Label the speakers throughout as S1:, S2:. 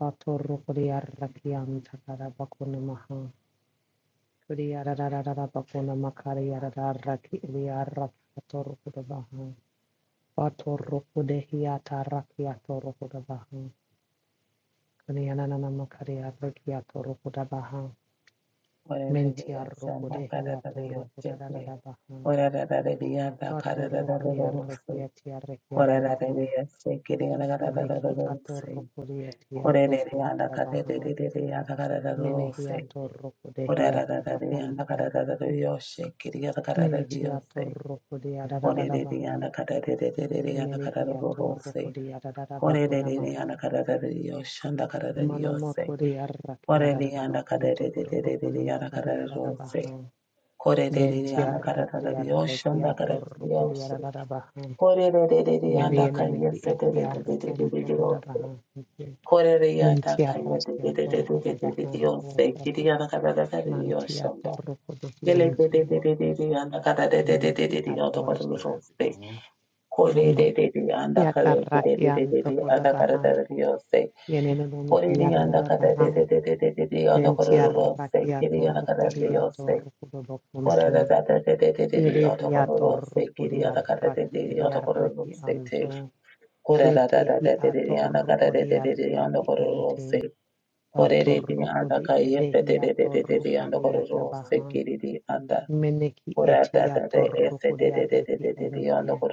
S1: Batoro Korea Rakian Takara Bakuna Maha Korea Rarara Bakuna Makaria Raraki Elia Rakatoro Kudabaha Batoro Kudehiata Rakiatoro Kudabaha Korea Nana Makaria Rakiatoro Kudabaha
S2: Ore the
S1: Mentia
S2: yanda kada
S1: Rokodehiato Rokodarabaha Batoro Korea Rakiatia Rakiatabaha Koneki Atoro Korea Tiatoro
S2: de de
S1: Kudabaha
S2: de
S1: Menehiato Rokodehiata Bakanta Mentia torroco de adadadabaha. Menehia torroco de adadadabaconamaha. Manamaco de arraki adadadabacunto
S2: de de de yanda
S1: corobaconamaca
S2: kada de
S1: de
S2: rose.
S1: adadabaha.
S2: Korererere
S1: Ventia
S2: anda
S1: roco
S2: kararara
S1: de
S2: riyoshe anda
S1: arrequia
S2: kararara
S1: torroco de
S2: riyoshe.
S1: adadadabaha.
S2: Korererere anda
S1: Menienemehi
S2: kayyese de
S1: etiar punto
S2: riyoshe.
S1: codabaha.
S2: Korere yanda
S1: Mentia racia
S2: kayyese de
S1: torroco dabaha.
S2: riyoshe. Kiri anda kararara riyoshe
S1: Mantia
S2: anda.
S1: torroco de
S2: Yele
S1: fiente.
S2: dededededede anda kararara
S1: Menehi ator.
S2: riyoshe korere de, Korererere anda kararara de de de
S1: Tiatarrakian
S2: de de anda
S1: Tokodabaha,
S2: kararara riyoshe.
S1: Yenenon
S2: Korere yanda kararara
S1: Yaradabaha,
S2: de de de de de de anda
S1: then
S2: korere riyoshe. Kiri anda
S1: Tiarrakiator
S2: kararara riyoshe.
S1: Kodiator
S2: Korere
S1: Kodobokunto,
S2: tete tete tete di otokororo
S1: Yerehiator
S2: seki di. otakate
S1: Kodiarraki
S2: tete di
S1: Ediarraki Anto, Betehiator Kodiarraki Ente, Bator Kodi Edehiator Kodiatabaha, Meneki Etiator Kodiarraki Ente,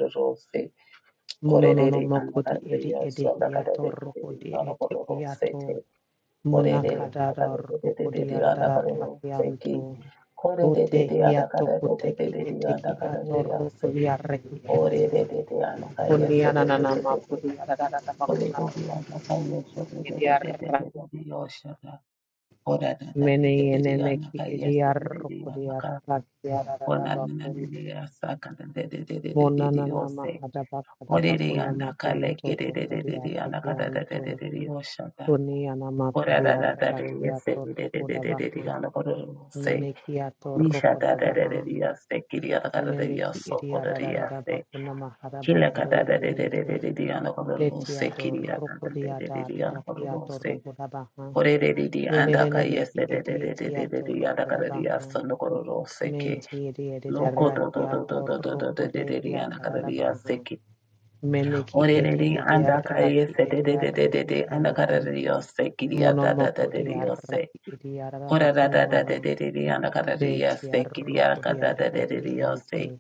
S1: Mononono Mokodi Edi Edehiator Kodi Etiator. Mona kadara rokodiara dara
S2: Thank you.
S1: rakianto.
S2: Ore de
S1: Bote
S2: de de anaka
S1: hiato
S2: de de de
S1: koteki
S2: de de
S1: eteki
S2: anaka
S1: ato
S2: de yase.
S1: rokodiara reki
S2: Ore
S1: ente.
S2: de de de anaka yase
S1: Kuniana
S2: de de
S1: nana
S2: de de de.
S1: makodiara dara dara
S2: Ore
S1: bakuna
S2: goni anaka yoshu ore de de de
S1: rokodiara.
S2: de de yoshada. Ore anaka
S1: Mene
S2: de de
S1: yene
S2: de
S1: meki
S2: anaka yase
S1: ediara
S2: de de de
S1: rokodiara
S2: anaka.
S1: rakiara
S2: Ore
S1: dara bakun.
S2: nananili yasa kanan de de de de de
S1: Mona
S2: de
S1: nana
S2: yose.
S1: mahada bakada
S2: Ore
S1: bakuna
S2: anaka
S1: makunto
S2: legere de de
S1: rokodiara
S2: de anaka de de de
S1: rekianto.
S2: de yoshada.
S1: Kuniana
S2: Ore
S1: makariara
S2: anaka yase
S1: rakiato
S2: de de de de de
S1: rokodabaha.
S2: anaka ore yose.
S1: Menekia toroko dabaha.
S2: Nishadadadadadiyaste,
S1: Meneki idiada da da da
S2: kiriyadadadadadiyasokodadiyaste,
S1: bakuna mahara
S2: kilakadadadadadadadadiyanokodiruste,
S1: bakude bekiente. Betiado rokodiada rakiato
S2: kiriyadadadadadadadiyanokodiruste,
S1: rokodabaha. Yeneneneki idiatiato rokodabaha.
S2: koredadidiyandakayestedadadadadadadiyandakadadiyasonokodiruse ki,
S1: Menti idiadida rakiato rokode
S2: lokodododododododadadadiyanakadadiyaste
S1: hiatadabaha.
S2: ki,
S1: Meneki edi idia raki idiaraki raki ente.
S2: oredadiyandakayestedadadadadadadiyandakadadiyaste,
S1: Monomoko
S2: kiriyadadadadadadadiyose,
S1: diaraki idiada bakuna maha.
S2: koradadadadadadadadiyanakadadiyaste,
S1: Betia roko dia raki
S2: kiriyadadadadadadadiyose,
S1: ente.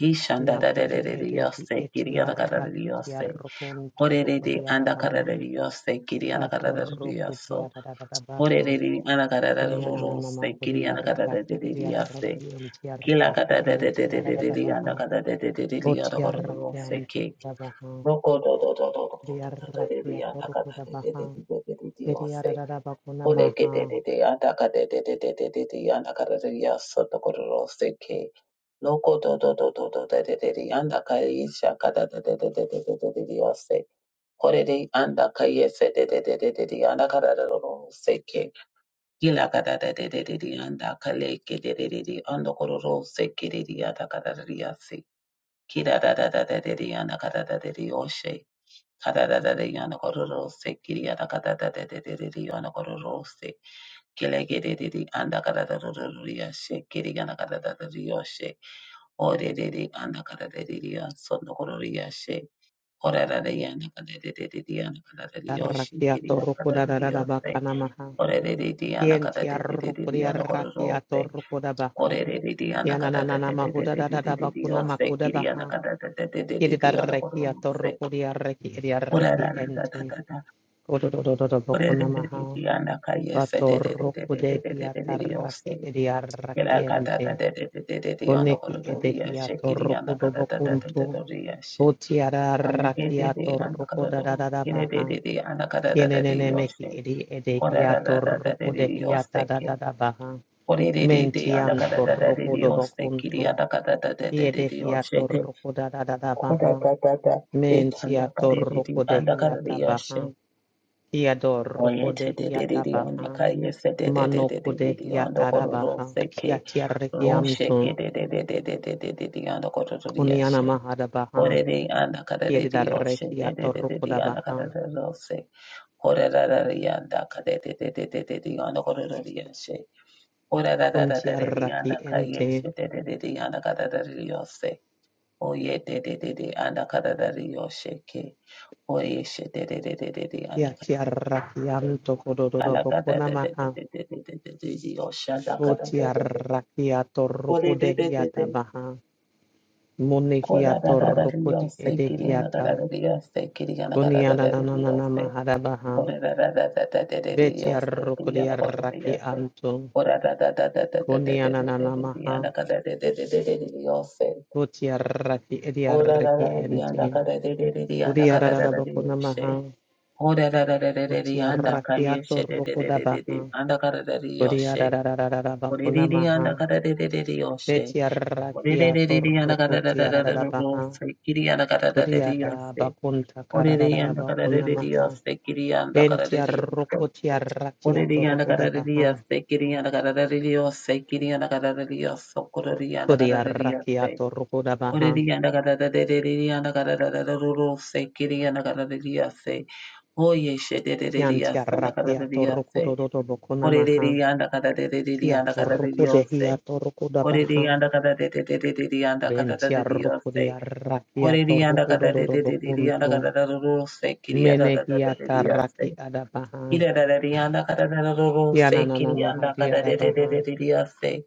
S2: Hishanda da da
S1: Nakodi
S2: da da da
S1: edehi
S2: yose, Kiriana da da da yose.
S1: etiarraketiarrokunto
S2: Horere de anda da da
S1: rokodiarabaha.
S2: yose, Kiriana da da da yoso.
S1: Batorrokodiaradabaha.
S2: Horere de anda da da da rose, Kiriana da da da
S1: Kuniananamakodiarraki
S2: yose.
S1: ediarraki
S2: Kila da
S1: entiarraki
S2: da da da da da da
S1: entiaradabaha.
S2: anda da da da da da da rose
S1: Otiarrakianto
S2: ke.
S1: kudabaha.
S2: Roko do do do do do do do do do anda da da da da
S1: Diarrakiatorrokudabaha.
S2: da da da yose. Ole ke da
S1: Ediaradabakunamaha.
S2: da da anda da da da da da da anda da da yoso da rose ke. Loko do do do do do de de de de anda kai isha kada de de de de de de de de de ose. Kore de anda kai ese de de de de de de anda kada de ro se ke. Gila kada de de de de de anda kale ke de de de de ando koro ro se ke de de anda kada de de ase. Kira da da da da de de anda kada de de de ose. Kada da da de anda koro ro se kiri anda kada da de de de de de anda koro ro se. Kile ke de de de anda kada de ro ro ro ri ase. Kiri anda kada da de de ose. Orerere anakararerere sonokororiyashe orarareye anakararerere anakarareriyoshe kiri anakarareriyose
S1: Arrakiatorrokudaradabakamaha.
S2: orerere anakararerere onokororose
S1: Kientiarrokodiarrakiatorrokudabaha.
S2: orerere
S1: Yana na na na mahuda da da da bakuna
S2: anakararerereriyose
S1: makuda
S2: kiri
S1: baha. Yedi
S2: anakararerere
S1: da reki a
S2: onokororose
S1: toroko di arreki edi arreki ente.
S2: orararararara
S1: Kodo do do do do bakuna
S2: orerere
S1: maha. Batoroko de hia
S2: anakayeserererereriyose
S1: tarraki edi arraki ente.
S2: kirakatatarererere
S1: Koneki edehi a
S2: onokororiyashe kiri
S1: toroko do bakunto.
S2: anakararerereriyashe
S1: Boti ara arraki a
S2: Anakadede,
S1: toroko da da
S2: anakadado,
S1: da da baha.
S2: kidededede, anakadadadede,
S1: Yenenene meki
S2: yoshe,
S1: edi edehi a toroko de
S2: kodadadadadadede,
S1: hia da da
S2: yoseke,
S1: da da baha.
S2: kodededede,
S1: Mentiam toroko
S2: anakadadadadede,
S1: do
S2: yose, kiri,
S1: bakunto. Kiede
S2: anakadadadadede,
S1: hiato
S2: yoshete,
S1: roko da da da da baha.
S2: kodadadada,
S1: Men tiato roko
S2: ekandakadedede,
S1: de
S2: andakadade,
S1: hiata baha.
S2: yoshe,
S1: Kiado roko de hiata
S2: oyetedededede,
S1: baha. Manoko de
S2: anakayesedededededede,
S1: hiata da
S2: andokodoro,
S1: baha.
S2: seke,
S1: Kiatia
S2: roshe,
S1: rekiamto.
S2: kedededededededede, andokodoro,
S1: Kuniana
S2: yoshe,
S1: mahada baha.
S2: kodede,
S1: Kiede
S2: anakadadede,
S1: da
S2: yoshe,
S1: rekiato roko da
S2: dedededede, anakadadadose, Orararariyanda kadedededededeyanda korororiyashe. Orarararariyanda
S1: ente.
S2: kayeshe dedededeyanda kadadariyose. Oyededededeyanda kadarariyosheke. Oyeshe dededededeyanda
S1: Kiatia
S2: kadarariyose.
S1: rakiamto kodododo bokona
S2: Alakadadadadadadadadadadiyoshanda kadadadadada. Oredededede. Korarararariyose kiriyanda
S1: edehiata.
S2: kadadariyose kiriyanda
S1: Kunianana
S2: kadadarariyose.
S1: maharabaha.
S2: Ora da da da da da da da da da criana
S1: Betiarraki
S2: cororías.
S1: anto.
S2: Ora da da da da da da da da da
S1: Kunianana
S2: da da
S1: maha.
S2: diana cada da da da da da Dios.
S1: Butiarraki
S2: Ora da da
S1: ediarraki
S2: da diana
S1: ente.
S2: cada da da da diana cada da da
S1: Uriarabakuna
S2: Dios.
S1: maha.
S2: Ora da da da da da diana
S1: Butiarraki
S2: calle se da da da da da da
S1: atorrokodabaha.
S2: anda cada da Dios. Ora da
S1: Uriarabakuna maha.
S2: diana cada da da da Dios. Ora
S1: Betiarraki
S2: da da da diana cada da da da da Dios.
S1: atorrokotiarabaha.
S2: Criana cada da da Dios.
S1: Kuriada bakunta
S2: Ora da diana cada da
S1: kararabakuna
S2: da
S1: maha.
S2: Dios. Criana cada da Dios.
S1: Bentiarrokotiarraki
S2: Oreriyana
S1: atorrokodabaha.
S2: karaririya se kiriyana karaririyo se kiriyana karaririyo so kororiyana karaririya
S1: Kodiarrakia
S2: se
S1: torrukodabaha,
S2: oreriyana kararaririyana kararararuru se kiriyana karaririya se hoye shedeririya sana
S1: kiantiarrakia
S2: karaririya se
S1: torrukododobokonamaha,
S2: oreriyana
S1: kia
S2: kararaririyana karaririyo se
S1: torrukodehia torrukodabaha,
S2: oreriyana kararaririyana karaririyo se
S1: ventiarrukodiarrakia
S2: oreriyana kararaririyana
S1: torrukododobokuntu,
S2: kararararuru se kiriyana karaririya
S1: menehiatarraki adabaha,
S2: Irararariyanda karararorose
S1: kiananamaha
S2: kiriyanda
S1: diadabaha,
S2: kararerererereriyase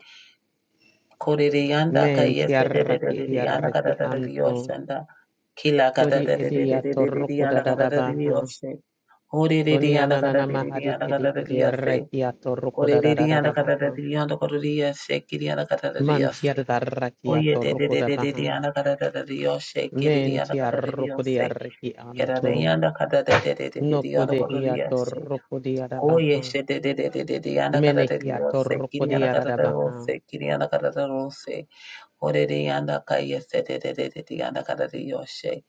S2: korereyanda
S1: mentiarraki
S2: kayeserererereriyanda
S1: diarraki anto,
S2: karararariyoshanda kila
S1: kodi edia
S2: karararerererereriyanda
S1: torrukodadadabaha,
S2: karararariyoshe horereriyanda
S1: koniananamahadi
S2: karararariyanda
S1: edi
S2: karararariyase
S1: ediarrakia
S2: korereriyanda
S1: torrukodadadadabaha,
S2: karararariyanda koreriyashe kiriyanda
S1: Mantia
S2: karararariyase
S1: da rakia to roko da baha.
S2: oyererererereriyanda karararariyoshe kiriyanda
S1: Mentia roko di
S2: karararariyose
S1: arreki anto.
S2: kerareyanda
S1: Noko
S2: karararererereriyanda
S1: de hia to
S2: koreriyashe
S1: roko di
S2: Oye,
S1: arabaha.
S2: shete de de de de de de. yanda kara
S1: Mene
S2: de
S1: hia to
S2: yose, kiri
S1: di
S2: yanda kara de
S1: arabaha.
S2: yose, kiri yanda kara de yose, ore de yanda kaya shete de de de de de yanda kara de yose,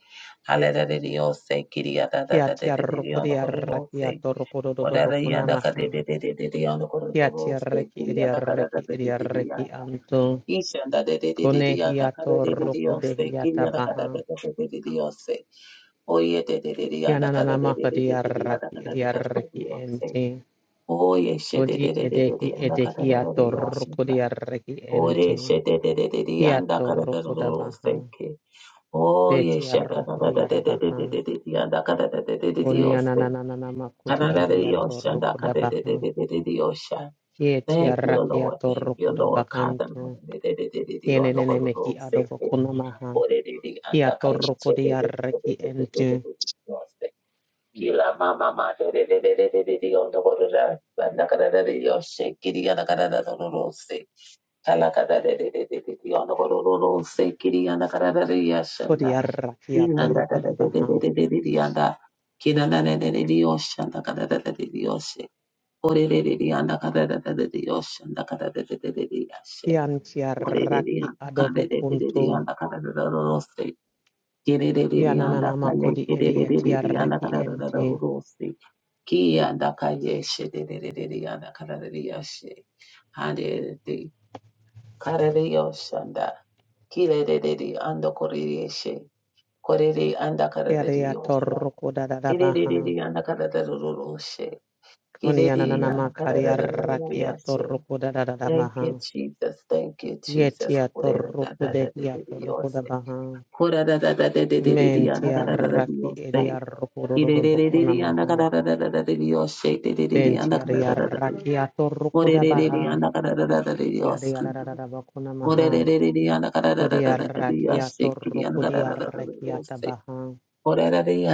S2: hale de de de yose, kiri yanda da
S1: Kia
S2: da de
S1: tia
S2: de de de
S1: roko di
S2: yanda kara de
S1: arrakia
S2: yose,
S1: to do do
S2: ore
S1: do
S2: de
S1: boko
S2: yanda kara de
S1: namaha.
S2: de de de de de yanda kara de
S1: Kia tia
S2: yose,
S1: reki
S2: kiri
S1: edi
S2: yanda kara de
S1: arreki
S2: de
S1: edi
S2: de de de
S1: arreki
S2: yanda,
S1: anto.
S2: ishi yanda de de de de de
S1: Kone
S2: yanda
S1: hia
S2: kara
S1: to
S2: de de de
S1: roko de
S2: yose,
S1: hia
S2: kiri yanda kara
S1: tabaha.
S2: de de de de de de yose, oye de de de de
S1: Kia
S2: yanda kara
S1: nanana
S2: de de de
S1: di
S2: de de de yanda
S1: arraki
S2: kara
S1: edi
S2: de de de de
S1: arreki
S2: yose.
S1: ente.
S2: Oye, shete
S1: Kodi
S2: de de de de
S1: edehi
S2: de anda kada
S1: edehi
S2: da da de
S1: atorokodi
S2: yasunda.
S1: arreki
S2: Ore
S1: entin.
S2: shete de de de de
S1: Ki
S2: anda kada da da
S1: atorokoda
S2: da
S1: baha.
S2: seke. Oye,
S1: Beti
S2: shaka da da
S1: arrokodi
S2: da de de de
S1: arabaha.
S2: de de de de anda kada da da de de de
S1: Koni
S2: yose.
S1: anananana kodi
S2: Kada da de
S1: edi
S2: yosha anda
S1: atorokoda
S2: kada de
S1: baha.
S2: de de de de de yosha.
S1: Kieti
S2: Thank you,
S1: arraki
S2: Lord. Thank you,
S1: atorokoda
S2: Lord. Kada da
S1: bakanto.
S2: de de de de de de anda
S1: Kienenene
S2: kada da da
S1: mehi
S2: seke.
S1: adobokuna maha.
S2: Ore de de
S1: Ki
S2: anda kada de de
S1: atorokodi
S2: de de de de
S1: arreki
S2: de de
S1: entin.
S2: de de yose. Yila mama ma de de de de de de de de on the border da na kada da de yo se kiri ya na kada da no no se kala kada de de de de de de on the border no no se kiri ya na kada da de ya shanda
S1: Kodi arraki
S2: ina da da da
S1: atorokoda
S2: de de
S1: baha.
S2: de de de de de ya da kina na ne ne de yo shanda kada da da de yo se ore de de de ya na kada da da de de yo shanda kada da da de de de ya
S1: Ki
S2: se
S1: anti
S2: ore de de ya
S1: arraki
S2: kada de de de de
S1: adobokunto.
S2: ya na kada da da no se kiri de de
S1: Ki
S2: de ya na
S1: ananana
S2: kada de
S1: makodi
S2: de
S1: edi
S2: de de
S1: eti
S2: de ya na
S1: arreki
S2: kada da da no
S1: entin.
S2: no se Ki anda kayeshe de de de de de anda karariyashe. Hande de karariyoshanda. Ki de de de de anda koreriyeshe. Koreri anda
S1: Kiaria
S2: karariyoshe.
S1: torruku da da da
S2: Ki de de de
S1: baha.
S2: de anda karariyoshe. Ki de de de
S1: Kuniananama
S2: anda
S1: karia rakia
S2: karariyashe.
S1: torruku da da da da
S2: Thank
S1: baha.
S2: you, Jesus. Thank you, Jesus.
S1: Yetia
S2: Korera da
S1: torruku
S2: da
S1: de
S2: da de
S1: hia
S2: de de
S1: torruku da
S2: yoshe.
S1: baha.
S2: Korera da da da de de de de de anda
S1: Mentia raki
S2: karariyoshe.
S1: eria
S2: Ki
S1: rukururu
S2: de de de de
S1: bokuna
S2: de anda
S1: maha.
S2: karariyoshe. De de de de anda
S1: Bentia ria
S2: karariyoshe.
S1: rakia torruku
S2: Ore
S1: da baha. Kiaria da da da da bokuna
S2: Oh,
S1: maha.
S2: Korereri anda karereri
S1: Kuria rakia torruku dia rakia tabaha.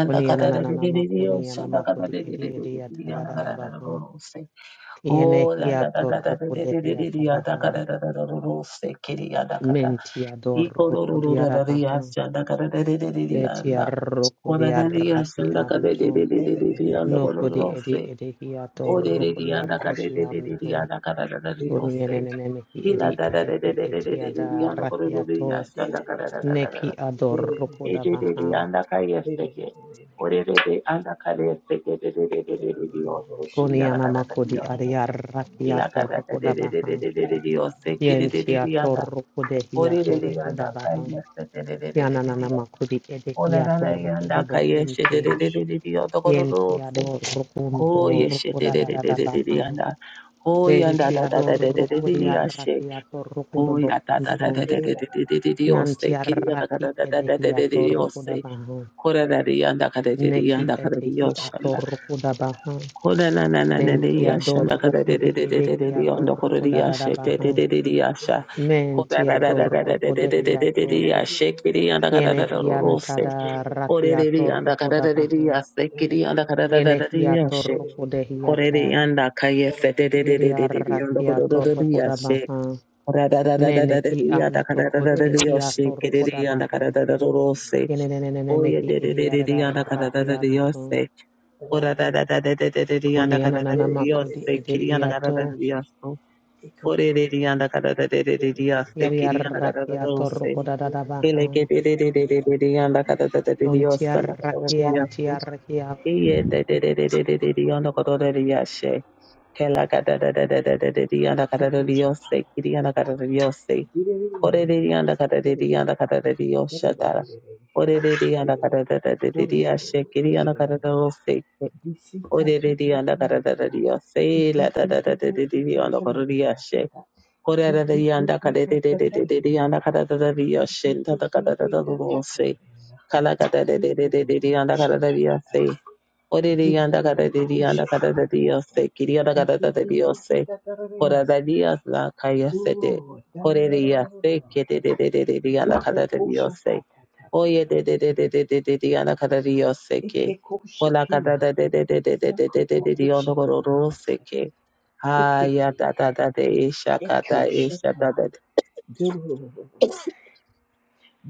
S1: Kuniananama kunianama kudi edi edia da da da da baha. Kiene hiato roko de hiata baha. Mentia dor roko di arabaha. Betia roko di arraki anto.
S3: Dele
S1: Noko di edi edi hiato roko di
S2: anda
S1: arraki anto.
S2: karararari
S1: Koni
S2: yose.
S1: enenene meki edi
S2: Pila da da da da da
S1: edeki
S2: da da da da
S1: etiada da
S2: yanda kore da da
S1: rakiato.
S2: yasta da da da da da da
S1: Neki
S2: da.
S1: ador roko
S2: E
S1: da
S2: de de de
S1: baha.
S2: yanda ka yasta ke. Ore de de yanda ka da yasta ke de de de de de de de yasta ke
S1: Koni
S2: yanda ka da da
S1: anamako
S2: de
S1: di
S2: yasta.
S1: aria
S2: Ila ka
S1: rakiato
S2: da da
S1: roko
S2: de
S1: da
S2: de de
S1: baha.
S2: de de de de de yasta ke de de de
S1: Yentia
S2: de yanda.
S1: toroko de
S2: Ore de
S1: hiato
S2: de
S1: roko da
S2: yanda ka
S1: baha.
S2: yasta de de de de de de de
S1: Kiananana
S2: yanda.
S1: makudi
S2: Ora
S1: edekia
S2: da da
S1: toruku
S2: yanda ka
S1: dobo
S2: yasta de
S1: kuntu.
S2: de de de de de yanda kore ro
S1: Kientia do
S2: se. Ko
S1: rukunto
S2: yasta
S1: ruku
S2: de
S1: da
S2: de
S1: da
S2: de
S1: da
S2: de
S1: da
S2: de de de
S1: baha.
S2: yanda. Ho yanda da
S1: Bentia
S2: da
S1: do
S2: da da da da de
S1: ruku
S2: de
S1: di
S2: yasta.
S1: arrakia
S2: こうやだだだだだだだだだりをして、きりやだだだだだだだだりをして、これだりやんだかでりやんだかでりよしゃんだ。これななななりやしゃんだかでりりりりりりりよんだこれりやしゃてててりりやしゃ。これだだだだだだだだだだりやしゃ、きりやんだかだだだろせ。これりりやんだかだだりやせ、きりやんだかだだだだりやしゃ。これりやんだかやせてててててりよんだこれりやしゃ。
S1: toruku dobo kuntu. Kiantia raki edehia toruku da baha. Neki edehia toruku da baha. Bentia do ruku di edehia toruku da da da baha. Mentia do ruku dehia to. Kiene hianta da rakia toruku da baha. Yenehiator
S3: Did
S1: Rukudehiata, Yeriarakiator Rukudabaha,
S2: Dios,
S1: Meneki Antokotehiator Rukudabaha, Yenenenemehi Idiadarakianto, Koniananamakudi Idiato, Yeriarakiator Rukudadabaha, Untiarakientiarakia,
S2: Korereri yanda karereri yanda karereri yoshatara.
S3: it?
S2: Orereri yanda karereri yashekeri yanda karereri yoseke. Orereri yanda karereri yosela tarereri yanda karereri yashe. Korereri yanda karereri yanda karereri yoshenta karereri yose. Kala
S3: Dito
S2: karereri yanda
S3: kosha ta
S2: karereri yose. Orereri yanda karereri yanda karereri yose. Kiri yanda karereri yose. Coradarías la calle sete, correría se que de de de de de de la cara de Dios se,
S3: ta ta ta
S2: oye
S3: ta.
S2: de de de de de de de de la cara de Dios se que,
S3: Ike koshi
S2: con la cara
S3: kia.
S2: de de de de de de de de de
S3: Sakuku
S2: de Dios no gororo se
S3: Shanabosaka,
S2: que, ay ya
S3: Ekiki,
S2: da da da de isha
S3: Eko Sakukukushanarabasaka. Ekeki.
S2: kata isha
S3: Ekosheta.
S2: da da
S3: Durururu.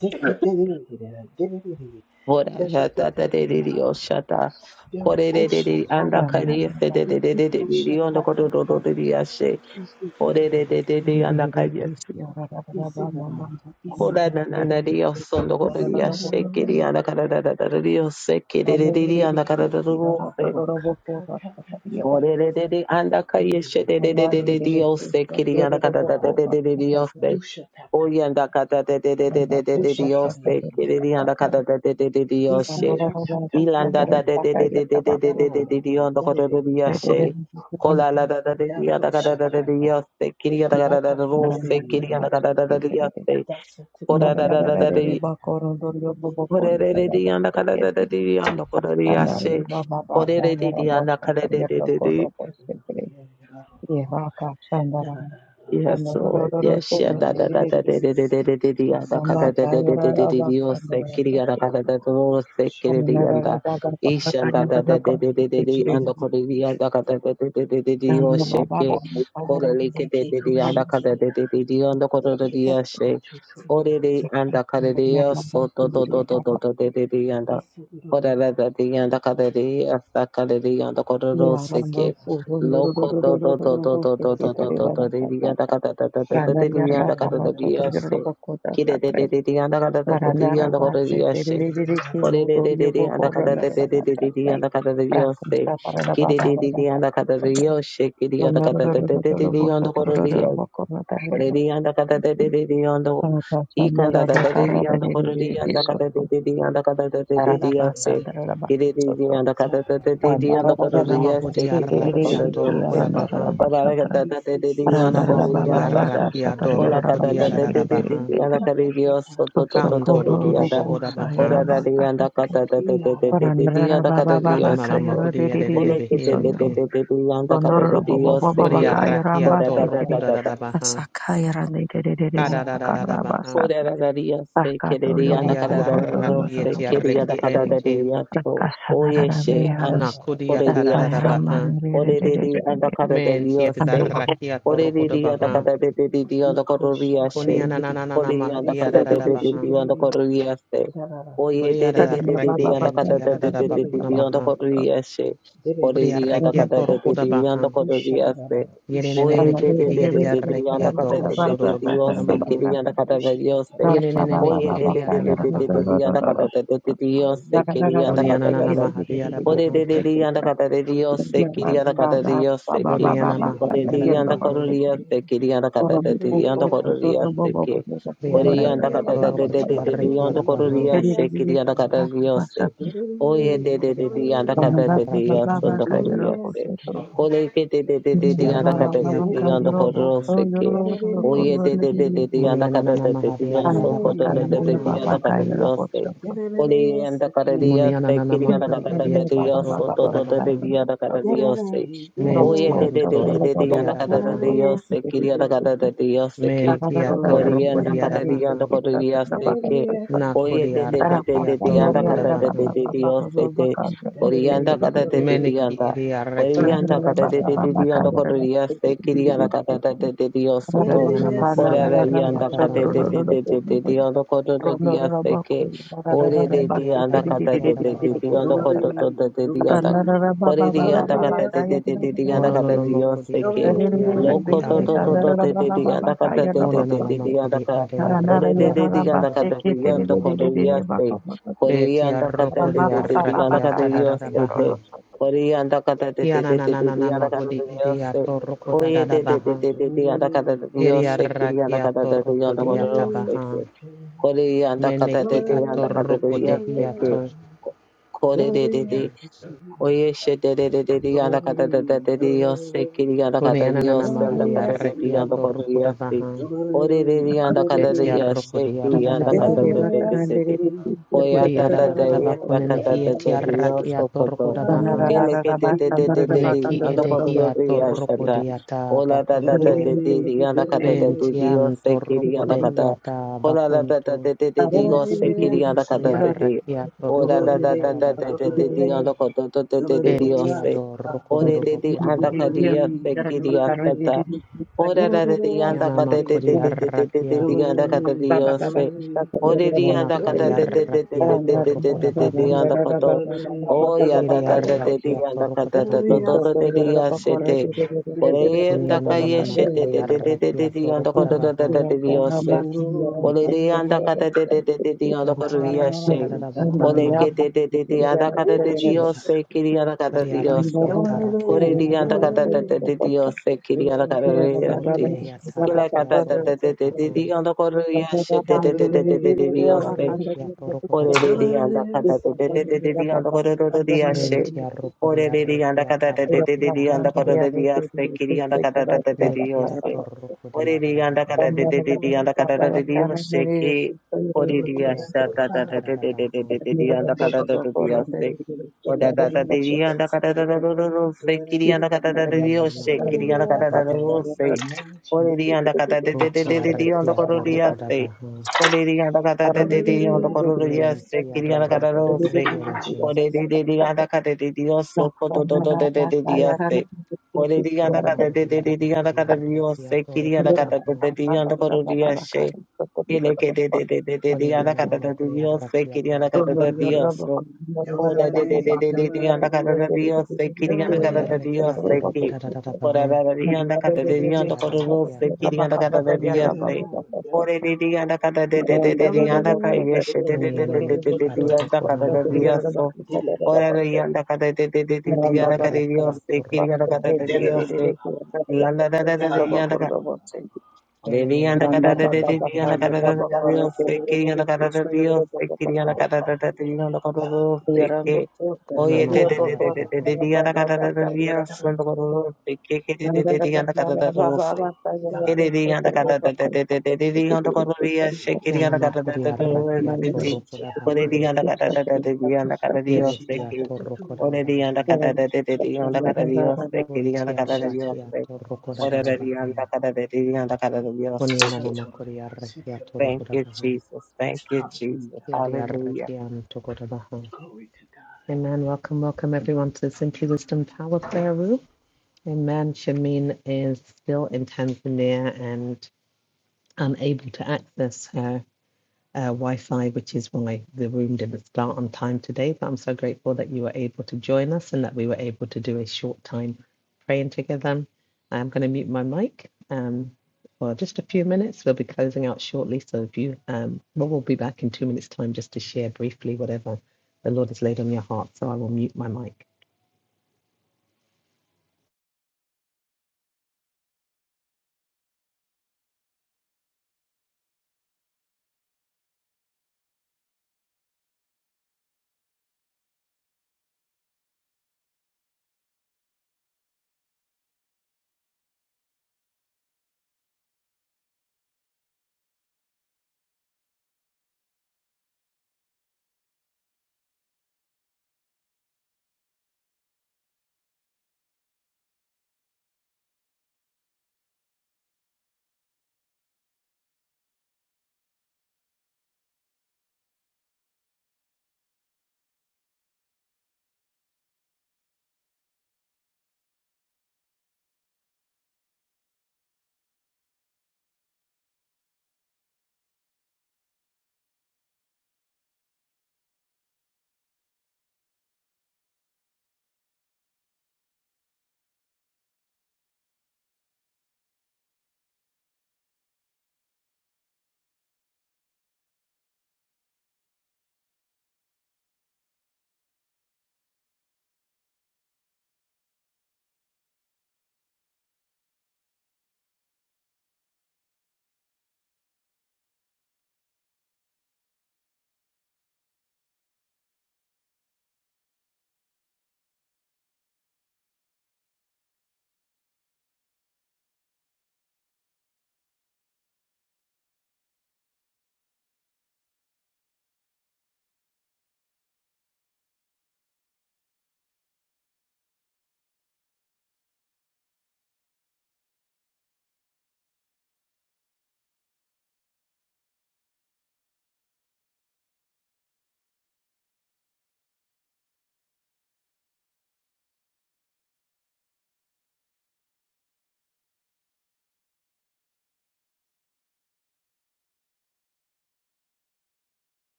S3: Detetererera. Dererere.
S2: ora ya da da de de
S3: Detetetererera.
S2: Dios shata, corre de de de anda
S3: Deroshataya.
S4: Grande
S2: calle se de de de de de de Dios no gororo de
S3: Ikekoshatatata.
S2: Dios se, ore de de
S3: Ikikererere.
S2: de de anda calle
S3: Isinara.
S2: Kola na na
S3: Isitatara.
S2: na dio sondo kola dia shake di anda
S3: Isinarararararara.
S2: kara da da da da dio seke de de de de anda kara da da dio se
S3: Ako kakakakatatata.
S2: ore de de de anda kaya she
S3: Dererere.
S2: de de de de
S3: Thank
S2: de
S3: you,
S2: dio
S3: Jesus.
S2: seke di anda
S3: Thank
S2: kara
S3: you,
S2: da da
S3: Father.
S2: de de de dio se
S3: Dusha ta ta
S2: oye anda
S3: ta ta.
S2: kara de de de de de de de dio
S3: Dushatari,
S2: seke de anda kara da de de de dio she ilanda da
S3: Disatataturi,
S2: de de de de de de de de de de
S3: Dara,
S2: dio anda kara da
S3: Dariri,
S2: dio she kola la da da de de anda
S3: Dato
S2: kara da da de
S3: Shataya,
S2: dio seke di anda kara da
S3: Data
S2: da dio seke di
S3: Toteri,
S2: anda kara da
S3: Datsa Tukuria
S2: da dio se
S3: Sakatata,
S4: Bakoro, Dorio,
S3: Gete
S2: Yes, Lord.
S3: Yurere,
S4: Bokoro, Shandari Baba Baka Nero Bosha Kergero Koro Bosha Kere Yevaka Shandara Sandororo
S2: Yes,
S3: In
S2: yeah,
S3: the
S4: Kuro
S2: da da
S3: name
S2: da
S3: of
S2: da
S4: Tiririki
S2: da da da da
S3: Jesus.
S2: da da da ya
S3: Yes,
S2: da ka
S3: yes,
S2: da da
S3: yes,
S2: da da da
S4: Kayara
S2: da
S4: Baba
S3: Lord.
S2: Dios
S3: Eko
S2: se
S4: Sandara
S2: quería da ka
S3: Shataya,
S2: da da da
S3: Lord.
S2: Dios
S3: Eko
S2: se
S3: Shataya,
S2: quería
S3: Lord.
S4: Kuminara
S2: da
S4: Baba Baka
S2: ishan da da da
S4: Kanyara
S3: In the
S2: da da
S3: name
S4: Kosi
S2: da
S3: of
S2: da da
S4: Kere
S2: anda
S3: Jesus.
S2: corría da ka da da yeah, da da da da da
S3: Thank you,
S2: Dios
S4: Yamra
S2: se
S4: Baba
S3: Lord.
S2: que
S4: Baka
S2: corre que
S4: Baba
S2: da
S3: Eke
S4: Kuminara
S2: ka da da anda cada da
S3: koshitia,
S2: da da ya da anda
S3: eke se
S2: corría se
S3: kochotoya
S2: Orere
S3: sata.
S2: anda corría
S4: Baba
S2: so do do
S4: Kanyara
S2: do do do do da da
S3: Isu
S2: Kiri
S3: dororo, isu dororo, isu kumani. Na
S4: Yarra
S3: na
S4: Kama
S3: na na
S4: Sotrigero
S3: na. Deko
S4: Paranarabase,
S3: koshiteki na na na
S4: Tereriki,
S3: na.
S4: Utorio Boko,
S3: Isu
S4: Ronarabasa,
S3: dororo,
S4: Rakamsta, Paranababa, Ronororosa, Tororoboko, Nataria,
S2: Oreriyanda katatetetetiyanda o-
S4: Paratasa, Narabakara,
S2: ikandatateyanda
S4: Tereriki,
S2: koreriyanda
S4: Sotro,
S3: dororo.
S2: katatetetiyanda
S3: De de de de
S2: katatetetiyase.
S4: Paranabasa,
S3: de de.
S4: Narabaki, Sotro,
S2: Kireriyanda
S3: Da da da da da
S2: katatetetiyanda
S3: da da.
S2: koreriyase
S1: Yanamahudi
S4: Ranarabasa,
S2: kiriyanda
S4: Tereriki,
S1: Arakiator
S3: Doshika
S2: koreriyase.
S3: sate.
S1: Rukudabaha,
S2: Korara
S4: Aranarabasa,
S3: Isi si si
S2: katatetetiyanda
S3: si si si si
S1: Manamakudi
S4: Paranarababa,
S3: si si
S2: koreriyasata.
S4: Vaka,
S3: si.
S1: Arakiador
S4: Sataria,
S2: Kola
S4: Rabaka,
S3: Ushitiki ti
S1: Rukudiadabaha.
S3: ti
S2: katatetetiyanda
S4: Tereriki,
S3: ta ta ta
S2: koreriyaso
S3: ta.
S4: Socorro,
S3: Eko
S1: Kantororo
S2: tototototetiyanda.
S4: Boku,
S1: Bohoda Baha,
S3: shanarabasata.
S2: Korarariyanda katatetetetiyanda
S4: Sayarabasa,
S2: koreriyaso to. to to to to diyanda. Orada diyanda kada da de de de de de
S3: Iarababa.
S4: Randrara
S2: diyanda kada
S4: baba baba
S2: diyosto
S1: Kananama
S2: to.
S4: kayara
S1: Hudia de de de
S2: Ola
S4: dererere
S2: kiri de de de
S4: kisoyoro.
S1: Behiente,
S2: de de diyanda kada Kola
S4: Dondororo baba
S3: Dalarababa.
S2: katatetetiyanda katatetiyose
S4: baba
S2: ke.
S1: Hudia
S4: baka
S1: Rakia
S4: yaramba setere.
S1: Torokoda
S2: Korara
S1: da
S3: Dalarababa.
S1: da Baha,
S4: Asakaya randererere
S1: Kada da da da da
S4: bakanra
S3: Dalarababa.
S1: Baha,
S4: basata.
S2: Korararariya se kereriya
S4: Sakatorio
S2: na
S1: Hudia
S4: boko
S1: da
S3: Dalarababa.
S1: rakia
S4: rotoro
S2: Korararariyase
S4: rotoro
S1: Rakietia
S2: kereriyana kararararose keriyana
S1: Reki
S4: bosetere.
S1: Ente,
S2: karararariyaso.
S4: Rakasanarara
S2: Oyeshe
S4: beyaran.
S2: ash-
S1: Nakudia
S3: Dalarababa.
S1: Tada da
S4: Dasaya
S1: da da
S2: koreriyasha.
S4: raman
S1: Baha,
S4: dererere.
S2: Orereriyana
S1: Mentia da
S2: karararariyose.
S4: Sanarara.
S1: Rakia Torokoda
S2: Oririya da
S1: Baha,
S2: kada de de de diya da
S3: Eko
S2: kororiya she.
S1: Konia na
S3: shanarababa.
S1: na na na na
S2: Oririya da
S1: Mahadia
S3: Bese
S1: da
S2: kada
S1: da
S2: de
S1: da
S2: de de
S3: koshi
S1: Baha,
S2: diya da
S3: dili.
S2: kororiya she. Oye, de
S1: Hudia
S3: Dalarababa.
S1: da
S2: de
S1: da
S2: de de
S4: Sanarara
S2: de
S1: Reki
S4: baba
S2: diya
S4: baba.
S2: da kada
S1: Entia
S2: de
S1: da da
S2: de
S1: da
S2: de de
S4: Sanarara
S2: de
S1: Bakuna
S4: baba baba.
S2: diya
S3: Debebebebe.
S2: da
S1: Maha,
S2: kororiya she.
S1: Hudia
S3: Debebebebe.
S2: Oririya da
S1: Rekia
S4: Sanarara
S2: kada de de
S1: Torokoda
S2: de diya da
S1: Baha,
S2: kororiya she.
S3: Ushanarababa.
S1: Yenene
S2: Oye de
S1: Meki
S2: de
S3: Ushanamanaba.
S2: de
S1: Edia
S2: de
S1: da
S2: de diya da
S1: rakia
S2: kada de
S3: Eko
S1: toro
S2: de
S4: baba
S1: koda do
S2: de
S4: baba.
S2: diya
S1: Torokoda
S4: Sanarara
S2: she.
S3: shatatata.
S1: Bakuna
S4: baba
S1: Maha.
S2: Kiriya
S4: baba.
S2: da kada de diya she.
S3: Ushikatata.
S4: Baba
S2: Oye
S1: Yenenenemehi
S2: de
S3: Oh
S2: de de
S3: God,
S2: de
S3: not
S2: de
S3: my
S2: de
S1: Ediadadabaha,
S3: own
S2: diya da kada
S3: God.
S2: de de de diya she.
S3: Hallelujah.
S2: Kiriya da
S1: Kunianana
S2: kada
S3: Ese.
S2: Ore de
S1: Mahadiadabaha,
S2: de de anda kada de Dios se quería anda
S3: Mm.
S2: kada de Dios se ki.
S1: Kuniana
S3: Dolly
S2: Ore de anda kada de
S1: Mahodiadabaha,
S2: Dios se quería anda kada de de anda kada de Dios se ki. Ore anda
S1: Liarekia
S2: kada de de de de
S1: Torokotia
S2: de de anda kada de
S1: Rekiadabaha,
S2: Dios se quería anda kada de Dios se. Oye de de de
S1: Unumokodia
S2: de anda
S1: Rekia
S2: kada de de
S1: Taraki
S2: Dios anda kada de
S1: Amto,
S2: Dios
S3: Yes,
S2: se. Ore que de de de de
S1: Utia
S2: de anda kada
S1: Rakia
S2: de de anda kada de
S1: Torokodabaha,
S2: se que. Oye de de de de de anda
S1: Munianana
S2: kada de de Dios anda kada
S1: Mahadiadabakuna
S2: de de de
S1: Maha,
S2: anda kada de Dios se. Kori and the Karadias, the
S1: Munianana
S2: Kiriana
S4: Rondo
S1: Makudi
S2: Katata, the
S1: Ediatia
S2: Yoso, Toto, the
S1: Torokodabaha,
S2: Diana Oye, de
S1: Mentiam
S2: de de de de de yanda kada de
S1: Torokodiadabaha,
S2: de yo se kiri yanda kada de de yo se ke
S1: Mentia
S2: kori yanda kada de yanda
S1: Torokodiadabaha,
S2: kori de se ke oye de
S1: Nakodia
S2: de
S3: okay.
S2: de de
S1: Rakia
S2: de de yanda
S3: Yes,
S2: kada de de
S1: Torokodabaha,
S2: de de yo se te kori yanda kada de de de
S1: Meneki
S2: yanda
S1: iri
S2: kori yanda
S1: arrekiato
S2: kada de
S1: rokoda
S2: de de
S1: baha.
S2: de yanda kori se kiri yanda kada de de de de so to
S1: Koniana
S2: kori
S1: makari
S2: yanda yanda
S1: arrekiata
S2: kada de
S1: baha.
S2: de de de de de yanda kori se ke
S1: Iri
S2: ore de de
S1: arrekiata
S2: yanda kada de
S1: arrekiata
S2: de de
S1: rara
S2: de
S1: baha.
S2: yanda kori de de de yanda
S4: Rara
S2: Ore diganda kata te te te te diganda kata
S1: Mononono
S2: Dios
S1: mokodi
S2: se
S1: iri
S2: que
S1: eti
S2: loco
S1: arreki
S2: to to to
S1: anto.
S2: to te te diganda kata te te te
S1: Mononono
S2: te diganda
S1: mokodi
S2: kata
S1: ade
S2: ore te te
S1: arrekiato
S2: diganda
S1: rokoda
S2: kata diganda
S1: bakunto.
S2: kata Dios se ore
S1: Beti
S2: diganda kata te
S1: arrokodi
S2: te te diganda kata
S1: arrekiata
S2: Dios
S1: rara
S2: se
S1: baha.
S2: te ore diganda kata te te
S1: Kiana
S2: te te te
S1: nanana
S2: diganda kata
S1: mahodi
S2: Dios
S1: iri
S2: se
S1: ato rokoda
S2: oye
S1: rara
S2: te te te
S1: baha.
S2: te te diganda kata
S1: Iri
S2: Dios se que diganda kata
S1: arrekiato
S2: te diganda
S1: rokodi
S2: kata Dios se
S1: atabaha.
S2: que ore diganda kata te
S1: Meneki
S2: te
S1: ato
S2: diganda kata Dios se que
S1: rokodehiato.
S2: ore te te Oye, she de de de de de yanda kata da da de de Dios se yanda
S1: Kone
S2: kata
S1: ananana
S2: Dios yanda
S1: mahari
S2: kata de de
S1: arreki
S2: yanda kata de
S1: atorrukuda
S2: se.
S1: baha.
S2: Ore de de yanda kata de
S1: Beti
S2: Dios se
S1: arrukudi
S2: que
S1: ararada
S2: yanda kata
S1: baha.
S2: de de de de
S3: Dolly,
S2: de. Oye,
S1: Kudi
S2: ata da da
S1: ararada
S2: yes
S1: bakune
S2: kata
S1: mehi
S2: de
S1: eti
S2: de de,
S1: arraki
S2: Dios
S1: atorrukuda baha. Neki edehi
S2: Yashata.
S1: atorrukudi ata
S2: Ola da da da
S1: bakunto.
S2: de de de yanda kata da de
S1: Benti
S2: de yo se kiri yanda
S1: antorrukude
S2: kata.
S1: hiata
S2: Ola da da da
S1: bakunto.
S2: de de de de
S4: Thank
S2: yo se kiri yanda
S1: Kudi
S2: kata de de.
S1: arraki
S2: Ola da
S1: atorrukudi
S2: da da da
S1: ararada
S2: de de
S1: baha.
S2: de de yanda kata de de de de de yo
S1: Benti
S2: se. Ore
S1: adorrukudu
S2: de de
S1: bakuna
S2: yanda kata
S1: maha.
S2: yo se kiri yanda kata. Ora ra ra di anda
S1: Yana
S2: ka te te te
S1: makudi
S2: te te te te
S1: arraki
S2: te te anda ka
S1: anto.
S2: te di o se. Ore di
S1: Mona
S2: anda ka
S1: kari
S2: te te te te te
S1: arraki
S2: te te te te te
S1: atorrukuda
S2: te
S1: baha.
S2: te anda ka to. O ya ta
S1: Yeri
S2: ta ta te di
S1: arrakia
S2: anda ka
S1: toroko da
S2: ta ta to
S1: baha.
S2: to to te di ya se te. Ore e
S1: Kuni
S2: anda ka
S1: ananana
S2: ye se te
S1: makari
S2: te te
S3: Ooh,
S2: te te
S1: arrakia
S2: te te anda
S1: toroko
S2: ka
S1: da
S2: to to to
S1: baha.
S2: to te di o se. Ore di anda ka te te te te te te anda ka to
S1: Yanti
S2: di ya
S1: arrakia
S2: se.
S1: da da bakuna
S2: Ore
S1: maha.
S2: ke te te te te anda ka te te di o
S3: Jesus.
S2: se
S4: you.
S2: ki di anda ka te
S1: Kari
S2: di o
S4: Thank
S2: se.
S1: arrakia
S3: It's
S1: tarrakia da
S2: Ore
S1: da
S2: di anda ka
S1: baha.
S2: te te te te di o se
S3: the king.
S2: ki di anda ka te
S3: It's
S2: di
S3: the
S2: ya se.
S1: Ote ya
S2: Yelakata
S1: tarrakia toroko da baha. Kuri arrakia toroko da baha.
S3: king.
S1: Benti arroko di arrakia tarraki anto. Nekia toroko di da da baha. Nekia
S3: It's the
S1: toroko da
S3: power.
S1: da baha.
S3: Bushaka.
S2: O
S3: In
S2: da
S3: the
S2: da da
S3: name of
S2: di di anda
S3: Jesus.
S2: kata
S3: It's
S2: da
S3: the
S2: da
S4: you.
S2: da da da se kiri
S4: Yes,
S3: king.
S2: anda
S4: I'm
S2: kata da
S4: not a
S2: da
S4: young
S1: Kuni
S2: di o
S4: man,
S1: anana
S2: se
S4: I'm
S1: makari
S2: kiri anda
S1: da da
S2: kata da
S4: not
S2: da
S1: baha.
S4: a
S2: da
S4: young man,
S2: se o di di anda kata de de de
S3: In the
S1: Boti
S2: de de di
S3: name
S2: anda
S1: arrakia
S2: koro di a
S3: of
S1: toroko da
S2: se
S3: Jesus.
S1: baha.
S2: o di di anda kata de de de di
S3: Dolly,
S2: anda
S3: that's
S2: koro di a
S3: okay.
S2: se
S1: Menti
S2: kiri anda
S1: adoro
S2: kata
S1: koda
S2: da
S3: In the
S2: se
S3: name of
S1: behiente.
S2: o di
S3: Jesus.
S2: di di di anda kata de di o so ko do do do de de de di a se o di di anda
S1: Kana
S2: kata de
S1: mahori
S2: de de
S1: araba
S2: di anda
S1: kuri
S2: kata di o
S1: arraki
S2: se
S1: toro
S2: kiri anda
S1: koda
S2: kata de
S1: baha.
S2: de di anda koro di a se ele ke de de de de de di
S1: Koni
S2: anda
S1: ananana
S2: kata de
S1: makuri
S2: di o se
S1: arraki
S2: kiri anda
S1: toro
S2: kata
S1: koda
S2: de
S4: I'm
S1: baha.
S2: di o so Ola de de de
S3: Dolly,
S2: de de de yanda kada
S4: not
S3: dolly,
S2: da di yose ki di yanda
S1: Bori
S2: kada da
S3: dolly,
S2: di
S4: a
S1: arraki
S3: that's okay.
S2: yose
S1: toro
S2: ki.
S4: young
S1: koda da
S4: man.
S1: da da
S2: Ora
S1: baha.
S2: da da di
S4: Ramba
S2: yanda kada de di
S1: Kianti
S2: yanda kada rose
S1: arraki
S2: ki di
S1: toro
S2: yanda
S1: koda
S2: kada da
S1: baha.
S2: di
S3: Get it
S2: yose.
S3: all, get it
S2: Ore de di yanda
S3: all.
S2: kada de de de de di yanda ka
S3: Dolly, that's
S2: yeshe de
S3: okay.
S2: de
S1: Koni
S2: de
S1: ene
S2: de de de
S1: meki
S3: Do
S2: de di
S3: do
S1: adobo
S2: yanda
S1: kona
S2: kada da di
S1: maha.
S2: yoso.
S3: do do do
S2: Ora
S3: do
S2: de yanda kada de de de de di
S1: Bati
S2: yanda kada di
S1: arraki
S2: yose
S1: toro
S2: ki yanda
S1: koda da da
S2: kada da
S3: da
S2: di
S1: baha.
S3: da da
S2: yose.
S3: da da da
S1: Kiene nene
S2: Liliana
S3: da
S1: meki
S2: Catata
S3: da
S2: de
S1: adobo kona
S2: Diana
S1: maha.
S2: Catata de
S3: da da.
S2: Dios, Kiriana Catata de Dios, Kiriana
S3: Oh
S2: Catata
S3: God,
S2: de
S3: thank you.
S2: Diana
S3: Da da
S2: Catata de Dios,
S1: Kona
S2: Oye,
S3: da
S2: de
S3: da
S2: de
S1: mahori
S2: de de
S3: da
S1: araba
S2: de
S1: ha.
S2: de Diana Catata de Dios,
S3: da da da
S2: Santo
S3: da da
S2: Cororo, que que
S4: You're
S2: de de Diana Catata de
S3: da
S2: Dios,
S3: da da
S2: que de Diana
S3: da da.
S2: Catata de de de de Diana Cororo,
S3: Do
S2: se
S3: who she
S1: Kiana
S2: Kiriana Catata
S1: makuri
S3: got.
S2: de Dios,
S1: arraki
S2: que
S1: atoro koda
S3: Dushitya
S2: Ore
S1: baha.
S3: Bante
S2: Diana Catata
S3: Yoshiki
S2: de Diana Catata de
S1: Kiene
S2: Dios,
S1: ki
S3: Dushita
S2: que
S1: toro koda da
S2: Ore
S1: da
S3: Taturuota
S2: Diana
S1: baha.
S2: Catata de Diana Catata de
S3: Shataturia
S2: Dios, Kiriana
S1: Pontia
S2: Catata de Dios,
S1: rakiato
S3: Shatarua
S2: Thank
S1: rokodadadabaha.
S3: Shaturia
S1: Konianama koria
S3: Shaturia
S1: rakiato
S3: Shaturia
S2: you,
S1: rokodabaha.
S2: Jesus. Thank you, Jesus.
S3: Hallelujah.
S1: Kiaria
S2: Hallelujah.
S1: rakianto kodabaha.
S3: Glory to God.
S1: Amen. Welcome, welcome everyone to the Simply Wisdom Power Prayer Room. Amen. Shamin is still in Tanzania and unable to access her. uh, Wi-Fi, which is why the room didn't start on time today. But I'm so grateful that you were able to join us and that we were able to do a short time praying together. I'm going to mute my mic um, for just a few minutes. We'll be closing out shortly, so if you, um, well, we'll be back in two minutes' time just to share briefly whatever the Lord has laid on your heart. So I will mute my mic.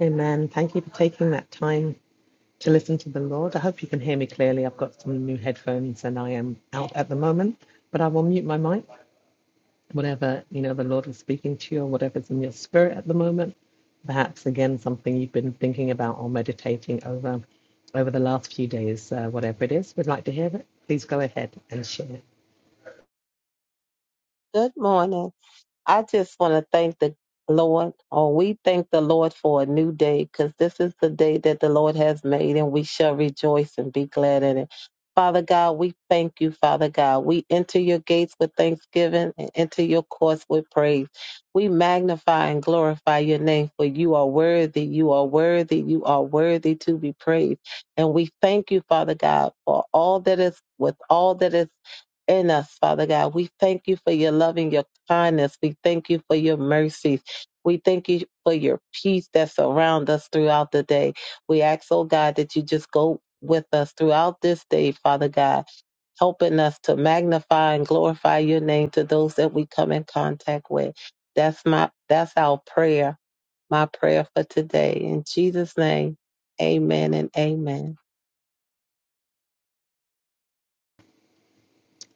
S1: Amen. Thank you for taking that time to listen to the Lord. I hope you can hear me clearly. I've got some new headphones and I am out at the moment, but I will mute my mic whatever you know the lord is speaking to you or whatever's in your spirit at the moment perhaps again something you've been thinking about or meditating over over the last few days uh, whatever it is we'd like to hear it please go ahead and share
S2: Good morning. I just want to thank the Lord, or we thank the Lord for a new day, because this is the day that the Lord has made, and we shall rejoice and be glad in it. Father God, we thank you, Father God. We enter your gates with thanksgiving and enter your courts with praise. We magnify and glorify your name, for you are worthy, you are worthy, you are worthy to be praised. And we thank you, Father God, for all that is with all that is in us, Father God. We thank you for your love and your kindness. We thank you for your mercies. We thank you for your peace that surround us throughout the day. We ask, oh God, that you just go with us throughout this day, Father God, helping us to magnify and glorify your name to those that we come in contact with. That's my that's our prayer, my prayer for today. In Jesus' name, amen and amen.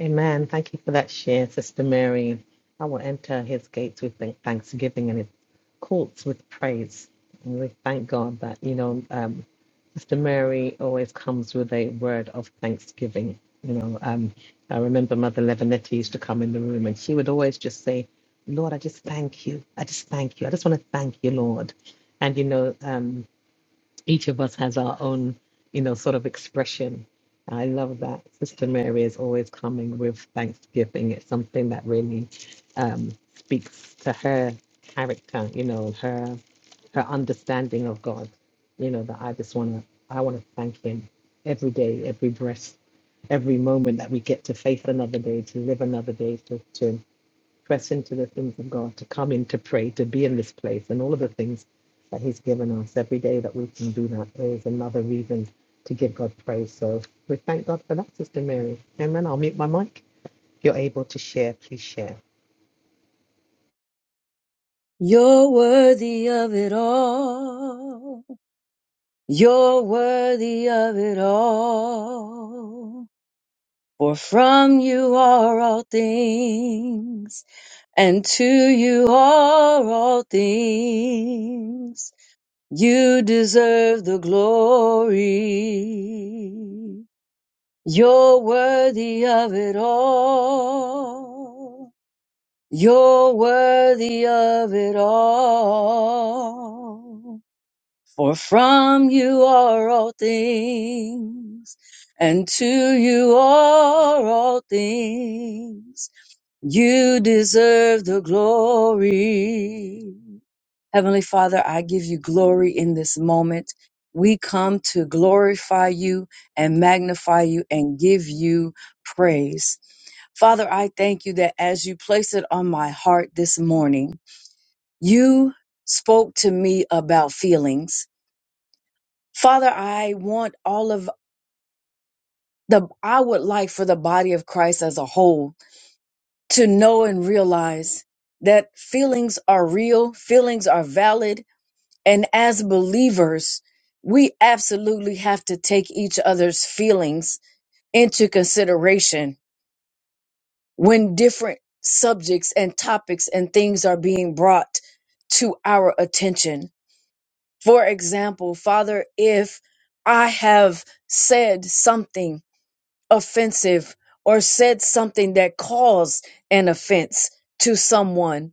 S1: Amen. Thank you for that share, Sister Mary. I will enter his gates with thank- thanksgiving and his courts with praise. And we thank God that, you know, um, Sister Mary always comes with a word of thanksgiving. You know, um, I remember Mother Levinetti used to come in the room and she would always just say, Lord, I just thank you. I just thank you. I just want to thank you, Lord. And, you know, um, each of us has our own, you know, sort of expression. I love that. Sister Mary is always coming with Thanksgiving. It's something that really um, speaks to her character, you know, her her understanding of God. You know, that I just wanna I wanna thank him every day, every breath, every moment that we get to face another day, to live another day, to, to press into the things of God, to come in to pray, to be in this place, and all of the things that He's given us every day that we can do that is another reason to give God praise. So we thank God for that, Sister Mary. Amen. I'll mute my mic. If you're able to share, please share.
S4: worthy of it all. You're worthy of it all. For from you are all things, and to you are all things. You deserve the glory. You're worthy of it all. You're worthy of it all. For from you are all things, and to you are all things. You deserve the glory. Heavenly Father, I give you glory in this moment. We come to glorify you and magnify you and give you praise. Father, I thank you that as you place it on my heart this morning, you spoke to me about feelings. Father, I want all of the, I would like for the body of Christ as a whole to know and realize that feelings are real, feelings are valid, And as believers, we absolutely have to take each other's feelings into consideration when different subjects and topics and things are being brought to our attention. For example, Father, if I have said something offensive or said something that caused an offense to someone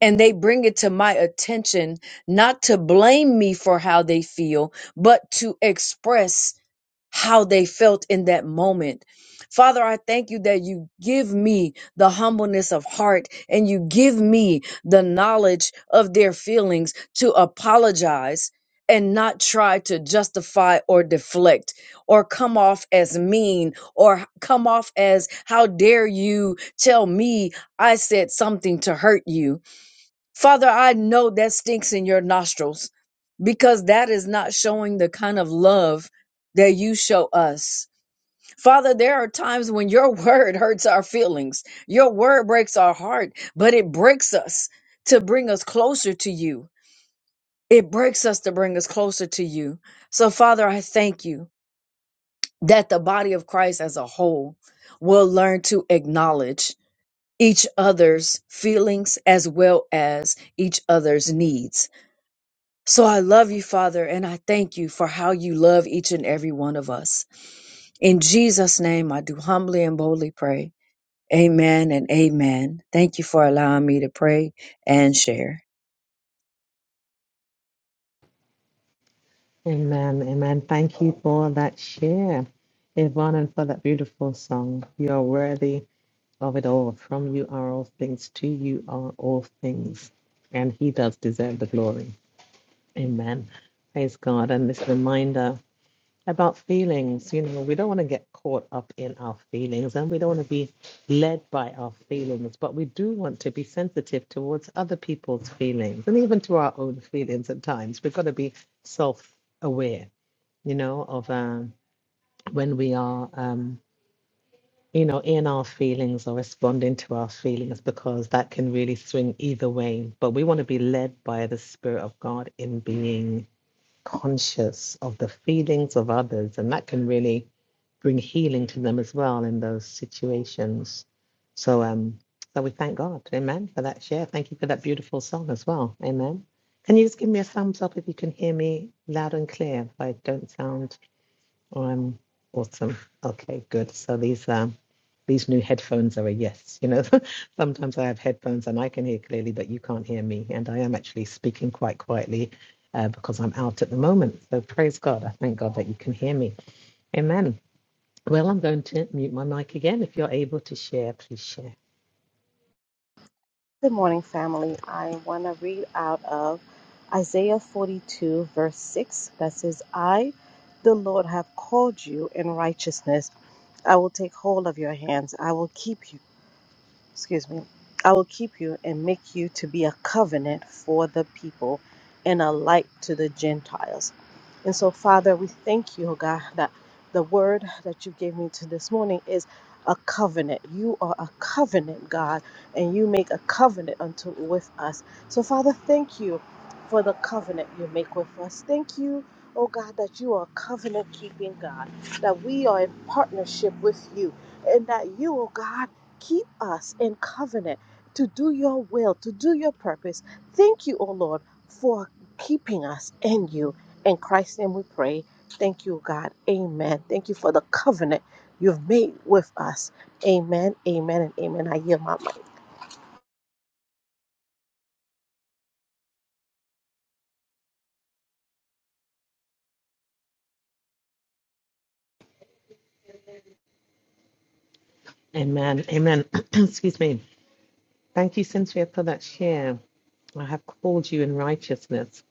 S4: and they bring it to my attention not to blame me for how they feel but to express how they felt in that moment. Father, I thank you that you give me the humbleness of heart and you give me the knowledge of their feelings to apologize and not try to justify or deflect or come off as mean or come off as, how dare you tell me I said something to hurt you. Father, I know that stinks in your nostrils because that is not showing the kind of love that you show us. Father, there are times when your word hurts our feelings. Your word breaks our heart, but it breaks us to bring us closer to you. It breaks us to bring us closer to you. So, Father, I thank you that the body of Christ as a whole will learn to acknowledge each other's feelings as well as each other's needs So I love you, Father, and I thank you for how you love each and every one of us. In Jesus' name, I do humbly and boldly pray. Amen and amen. Thank you for allowing me to pray and share.
S1: Amen. Amen. Thank you for that share, Yvonne, and for that beautiful song. You are worthy of it all. From you are all things, to you are all things. And He does deserve the glory. Amen. Praise God. And this reminder about feelings. You know, we don't want to get caught up in our feelings and we don't want to be led by our feelings, but we do want to be sensitive towards other people's feelings and even to our own feelings at times. We've got to be self aware, you know, of um, when we are. Um, you know, in our feelings or responding to our feelings because that can really swing either way. But we want to be led by the Spirit of God in being conscious of the feelings of others, and that can really bring healing to them as well in those situations. So, um, so we thank God, Amen, for that share. Thank you for that beautiful song as well, Amen. Can you just give me a thumbs up if you can hear me loud and clear? If I don't sound I'm awesome. Okay, good. So these um these new headphones are a yes. You know, sometimes I have headphones and I can hear clearly, but you can't hear me. And I am actually speaking quite quietly uh, because I'm out at the moment. So praise God. I thank God that you can hear me. Amen. Well, I'm going to mute my mic again. If you're able to share, please share.
S5: Good morning, family. I want to read out of Isaiah 42, verse 6 that says, I, the Lord, have called you in righteousness. I will take hold of your hands. I will keep you excuse me, I will keep you and make you to be a covenant for the people and a light to the Gentiles. And so, Father, we thank you, oh God, that the word that you gave me to this morning is a covenant. You are a covenant, God, and you make a covenant unto with us. So, Father, thank you for the covenant you make with us. Thank you, oh God, that you are a covenant keeping God, that we are in partnership with you, and that you, oh God, keep us in covenant to do your will, to do your purpose. Thank you, O Lord, for keeping us in you. In Christ's name we pray. Thank you, God. Amen. Thank you for the covenant you've made with us. Amen, amen, and amen. I yield my mic.
S1: Amen. Amen. Excuse me. Thank you, Cynthia, for that share. I have called you in righteousness.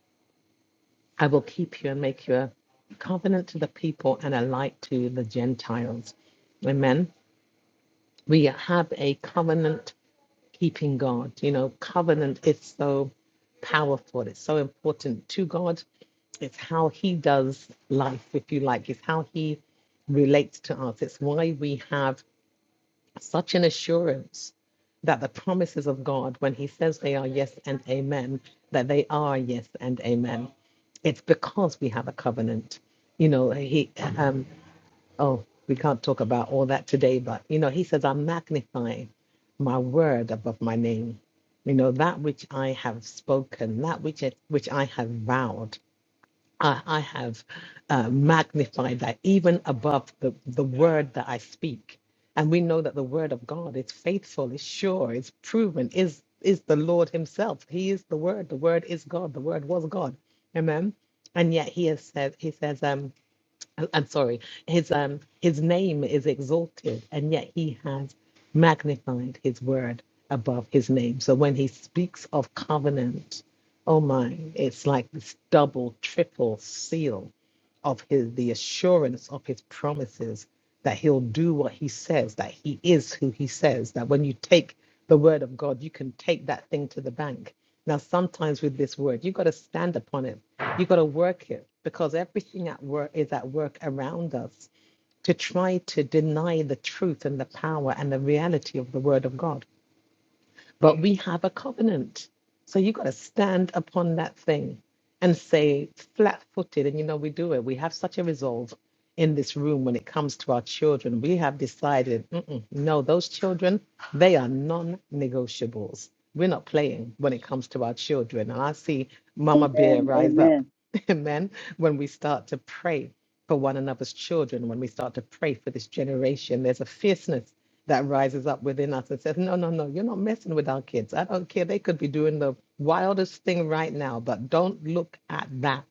S1: I will keep you and make you a covenant to the people and a light to the Gentiles. Amen. We have a covenant keeping God. You know, covenant is so powerful, it's so important to God. It's how He does life, if you like, it's how He relates to us. It's why we have such an assurance that the promises of God, when He says they are yes and amen, that they are yes and amen. It's because we have a covenant. You know, He, um, oh, we can't talk about all that today, but, you know, He says, I'm magnifying my word above my name. You know, that which I have spoken, that which, it, which I have vowed. I, I have uh, magnified that even above the, the word that I speak. And we know that the word of God is faithful, is sure, is proven, is is the Lord Himself. He is the Word. The Word is God. The Word was God. Amen. And yet He has said, He says, um, I- I'm sorry, his um his name is exalted, and yet he has magnified his word above his name. So when he speaks of covenant, oh my, it's like this double, triple seal of his the assurance of his promises that he'll do what he says, that he is who he says, that when you take the word of God, you can take that thing to the bank. Now, sometimes with this word, you've got to stand upon it, you've got to work it, because everything at work is at work around us to try to deny the truth and the power and the reality of the word of God. But we have a covenant. So you got to stand upon that thing and say flat footed. And you know, we do it. We have such a resolve in this room when it comes to our children. We have decided, "Mm-mm, no, those children, they are non negotiables. We're not playing when it comes to our children. And I see Mama Bear
S4: Amen.
S1: rise up.
S4: Amen.
S1: Amen. When we start to pray for one another's children, when we start to pray for this generation, there's a fierceness that rises up within us and says, No, no, no, you're not messing with our kids. I don't care. They could be doing the wildest thing right now, but don't look at that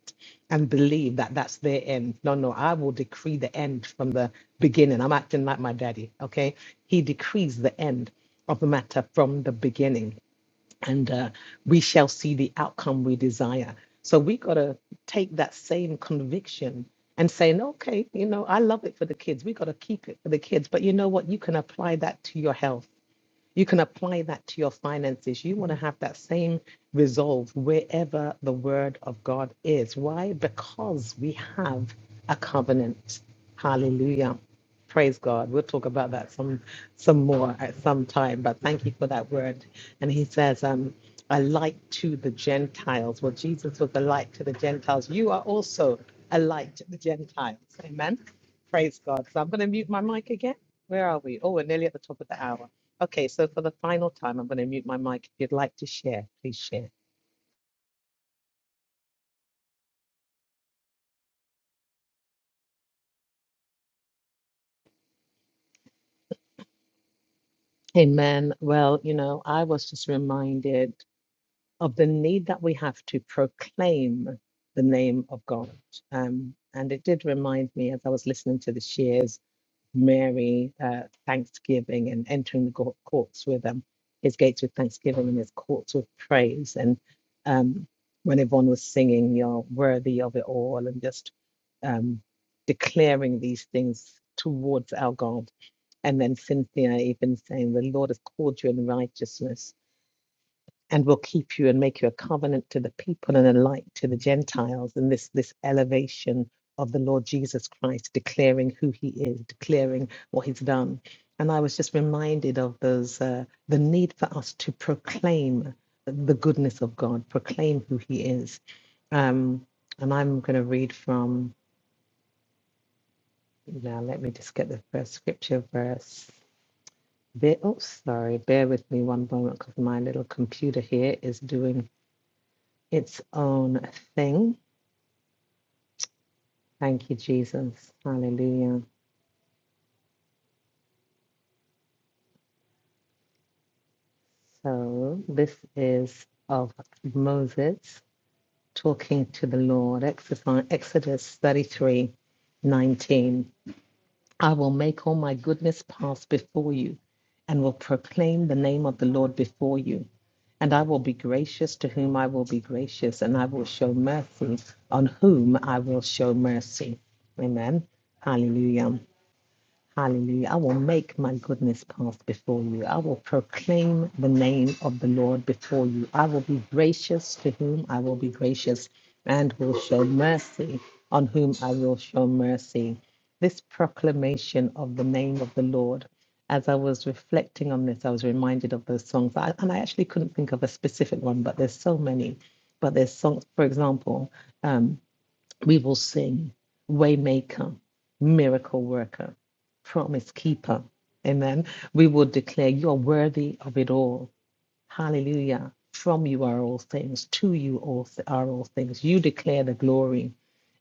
S1: and believe that that's their end. No, no, I will decree the end from the beginning. I'm acting like my daddy, okay? He decrees the end of the matter from the beginning and uh, we shall see the outcome we desire. So we got to take that same conviction and saying, okay, you know, I love it for the kids. We got to keep it for the kids. But you know what? You can apply that to your health. You can apply that to your finances. You want to have that same resolve wherever the word of God is. Why? Because we have a covenant. Hallelujah. Praise God. We'll talk about that some some more at some time, but thank you for that word. And he says, um, a light to the Gentiles. Well, Jesus was a light to the Gentiles. You are also a light to the Gentiles. Amen. Praise God. So I'm going to mute my mic again. Where are we? Oh, we're nearly at the top of the hour. Okay, so for the final time, I'm going to mute my mic. If you'd like to share, please share. Amen. Well, you know, I was just reminded of the need that we have to proclaim the name of God. Um, and it did remind me as I was listening to the shares Mary uh, thanksgiving and entering the cour- courts with um, his gates with thanksgiving and his courts with praise. And um, when Yvonne was singing, You're worthy of it all, and just um, declaring these things towards our God. And then Cynthia even saying, The Lord has called you in righteousness and will keep you and make you a covenant to the people and a light to the Gentiles. And this this elevation of the Lord Jesus Christ, declaring who He is, declaring what He's done. And I was just reminded of those uh, the need for us to proclaim the goodness of God, proclaim who He is. Um, and I'm going to read from now. Let me just get the first scripture verse. Bear, oh, sorry. Bear with me one moment because my little computer here is doing its own thing. Thank you, Jesus. Hallelujah. So, this is of Moses talking to the Lord, Exodus Exodus 33 nineteen. I will make all my goodness pass before you and will proclaim the name of the Lord before you. And I will be gracious to whom I will be gracious, and I will show mercy on whom I will show mercy. Amen. Hallelujah. Hallelujah. I will make my goodness pass before you. I will proclaim the name of the Lord before you. I will be gracious to whom I will be gracious and will show mercy on whom I will show mercy. This proclamation of the name of the Lord, as I was reflecting on this, I was reminded of those songs. I, and I actually couldn't think of a specific one, but there's so many. But there's songs, for example. um, we will sing Waymaker, Miracle Worker, Promise Keeper. Amen. We will declare you are worthy of it all. Hallelujah. From you are all things, to you all th- are all things. You declare the glory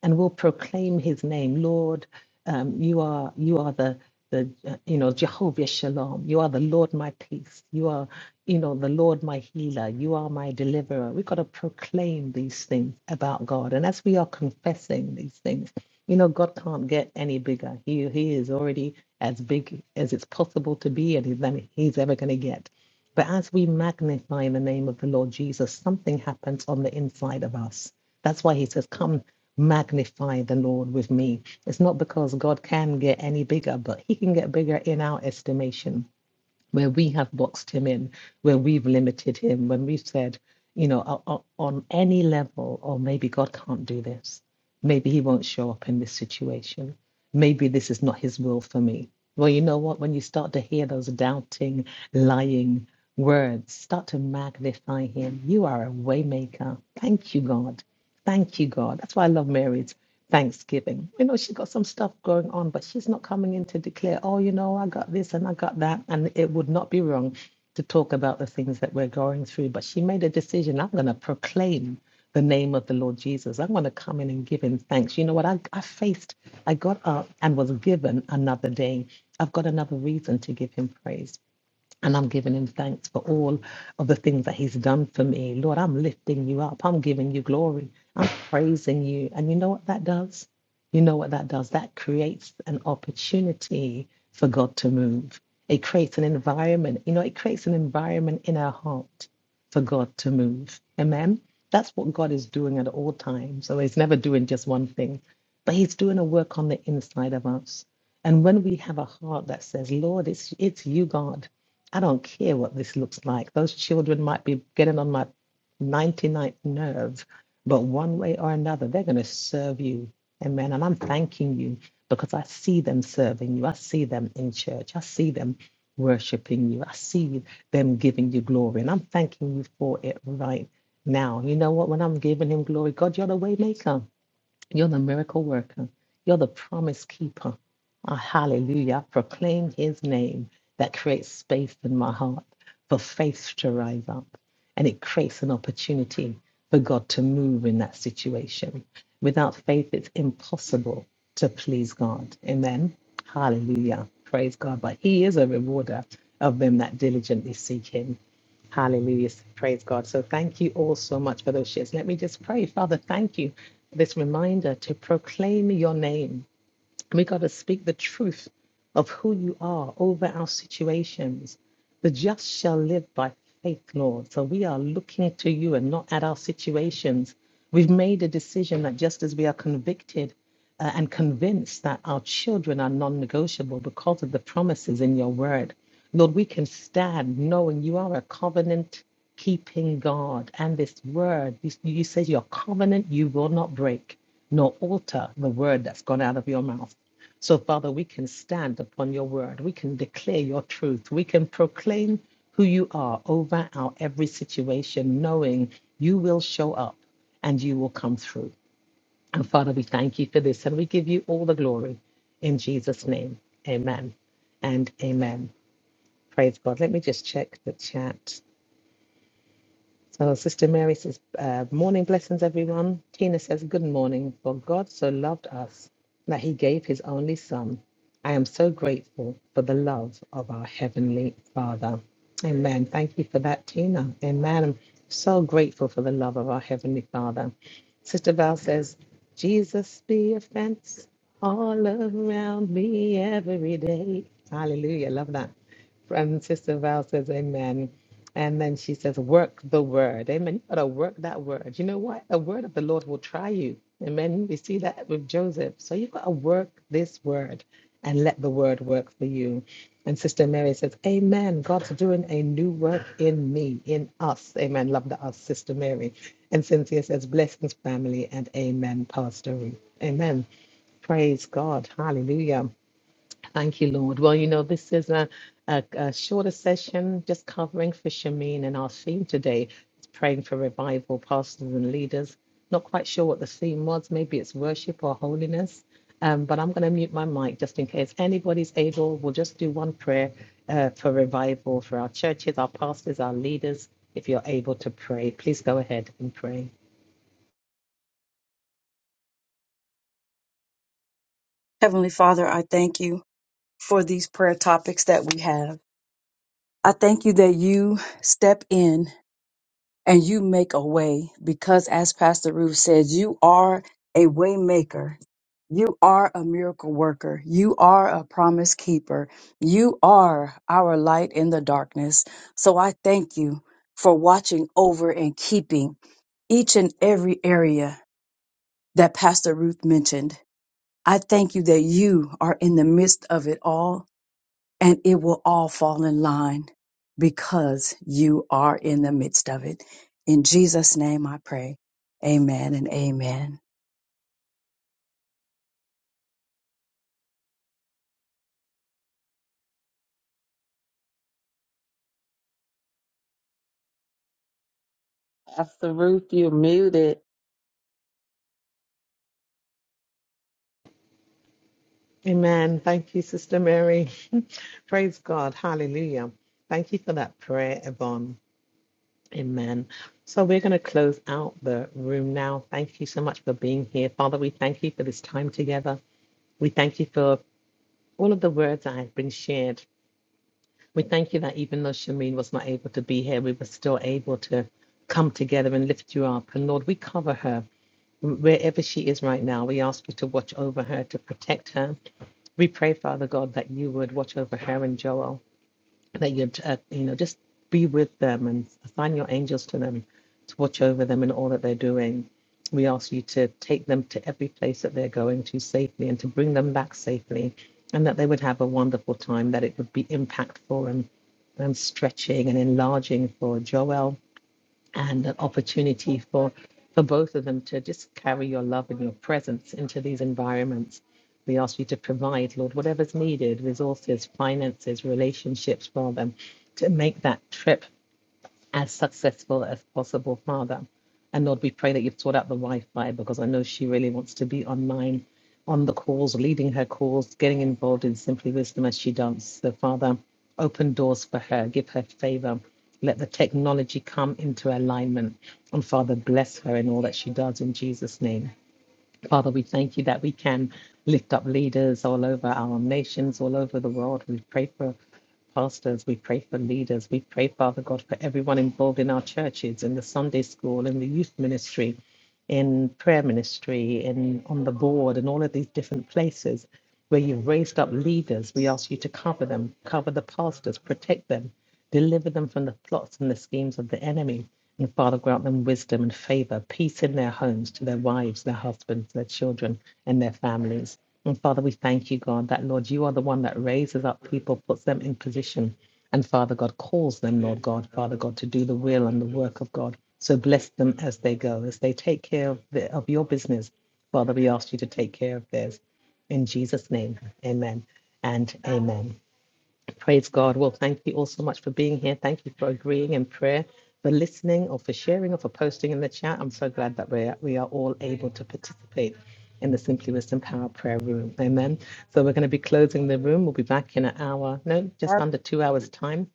S1: and will proclaim his name. Lord, um, you are you are the the uh, you know Jehovah Shalom. You are the Lord my peace. You are you know the Lord my healer. You are my deliverer. We've got to proclaim these things about God. And as we are confessing these things, you know God can't get any bigger. He he is already as big as it's possible to be and he's, he's ever going to get. But as we magnify the name of the Lord Jesus, something happens on the inside of us. That's why he says, Come magnify the Lord with me. It's not because God can get any bigger, but he can get bigger in our estimation where we have boxed him in, where we've limited him, when we've said, you know, o- o- on any level, oh, maybe God can't do this. Maybe he won't show up in this situation. Maybe this is not his will for me. Well, you know what? When you start to hear those doubting, lying words, start to magnify him. You are a waymaker. Thank you, God. Thank you, God. That's why I love Mary's. Thanksgiving. You know, she got some stuff going on, but she's not coming in to declare, oh, you know, I got this and I got that. And it would not be wrong to talk about the things that we're going through. But she made a decision I'm going to proclaim the name of the Lord Jesus. I'm going to come in and give him thanks. You know what? I, I faced, I got up and was given another day. I've got another reason to give him praise. And I'm giving him thanks for all of the things that he's done for me. Lord, I'm lifting you up. I'm giving you glory. I'm praising you. And you know what that does? You know what that does? That creates an opportunity for God to move. It creates an environment. You know, it creates an environment in our heart for God to move. Amen. That's what God is doing at all times. So he's never doing just one thing, but he's doing a work on the inside of us. And when we have a heart that says, Lord, it's, it's you, God. I don't care what this looks like. Those children might be getting on my ninety ninth nerve, but one way or another, they're going to serve you. Amen. And I'm thanking you because I see them serving you. I see them in church. I see them worshiping you. I see them giving you glory. And I'm thanking you for it right now. You know what? When I'm giving him glory, God, you're the way maker. You're the miracle worker. You're the promise keeper. Ah, hallelujah. I proclaim his name that creates space in my heart for faith to rise up. And it creates an opportunity for God to move in that situation. Without faith, it's impossible to please God. Amen. Hallelujah. Praise God. But he is a rewarder of them that diligently seek him. Hallelujah. Praise God. So thank you all so much for those shares. Let me just pray. Father, thank you for this reminder to proclaim your name. We got to speak the truth of who you are over our situations. The just shall live by faith, Lord. So we are looking to you and not at our situations. We've made a decision that just as we are convicted uh, and convinced that our children are non negotiable because of the promises in your word, Lord, we can stand knowing you are a covenant keeping God. And this word, you, you said your covenant you will not break, nor alter the word that's gone out of your mouth. So, Father, we can stand upon your word. We can declare your truth. We can proclaim who you are over our every situation, knowing you will show up and you will come through. And Father, we thank you for this and we give you all the glory in Jesus' name. Amen and amen. Praise God. Let me just check the chat. So Sister Mary says, uh, Morning blessings, everyone. Tina says, Good morning. For God so loved us that he gave his only son. I am so grateful for the love of our Heavenly Father. Amen. Thank you for that, Tina. Amen. I'm so grateful for the love of our Heavenly Father. Sister Val says, Jesus be a fence all around me every day. Hallelujah. Love that. And Sister Val says, Amen. And then she says, Work the word. Amen. You gotta work that word. You know what? A word of the Lord will try you. Amen. We see that with Joseph. So you've got to work this word and let the word work for you. And Sister Mary says, Amen. God's doing a new work in me, in us. Amen. Love the us, Sister Mary. And Cynthia says, Blessings, family, and amen, Pastor Ruth. Amen. Praise God. Hallelujah. Thank you, Lord. Well, you know, this is a, a, a shorter session just covering for Shameen, and our theme today is praying for revival, pastors and leaders. Not quite sure what the theme was. Maybe it's worship or holiness. Um, but I'm going to mute my mic just in case anybody's able. We'll just do one prayer uh, for revival for our churches, our pastors, our leaders. If you're able to pray, please go ahead and pray.
S4: Heavenly Father, I thank you for these prayer topics that we have. I thank you that you step in and you make a way because as Pastor Ruth said, you are a waymaker. You are a miracle worker. You are a promise keeper. You are our light in the darkness. So I thank you for watching over and keeping each and every area that Pastor Ruth mentioned. I thank you that you are in the midst of it all and it will all fall in line because you are in the midst of it. In Jesus' name I pray. Amen and amen.
S2: Pastor Ruth, you're muted.
S1: Amen. Thank you, Sister Mary. Praise God. Hallelujah. Thank you for that prayer, Yvonne. Amen. So we're going to close out the room now. Thank you so much for being here. Father, we thank you for this time together. We thank you for all of the words that have been shared. We thank you that even though Shameen was not able to be here, we were still able to come together and lift you up. And Lord, we cover her wherever she is right now. We ask you to watch over her, to protect her. We pray, Father God, that you would watch over her and Joel that you'd uh, you know just be with them and assign your angels to them to watch over them in all that they're doing we ask you to take them to every place that they're going to safely and to bring them back safely and that they would have a wonderful time that it would be impactful and and stretching and enlarging for Joel and an opportunity for for both of them to just carry your love and your presence into these environments. We ask you to provide, Lord, whatever's needed, resources, finances, relationships for them to make that trip as successful as possible, Father. And Lord, we pray that you've taught out the wife by because I know she really wants to be online on the calls, leading her calls, getting involved in Simply Wisdom as she does. So, Father, open doors for her, give her favor. Let the technology come into alignment. And Father, bless her in all that she does in Jesus' name. Father, we thank you that we can lift up leaders all over our nations, all over the world. We pray for pastors, we pray for leaders, we pray, Father God, for everyone involved in our churches, in the Sunday school, in the youth ministry, in prayer ministry, in on the board, and all of these different places where you've raised up leaders. We ask you to cover them, cover the pastors, protect them. Deliver them from the plots and the schemes of the enemy. And Father, grant them wisdom and favor, peace in their homes, to their wives, their husbands, their children, and their families. And Father, we thank you, God, that Lord, you are the one that raises up people, puts them in position. And Father God calls them, Lord God, Father God, to do the will and the work of God. So bless them as they go, as they take care of, the, of your business. Father, we ask you to take care of theirs. In Jesus' name, amen and amen. Praise God. Well, thank you all so much for being here. Thank you for agreeing in prayer, for listening, or for sharing, or for posting in the chat. I'm so glad that we're, we are all able to participate in the Simply Wisdom Power Prayer Room. Amen. So we're going to be closing the room. We'll be back in an hour, no, just under two hours' time.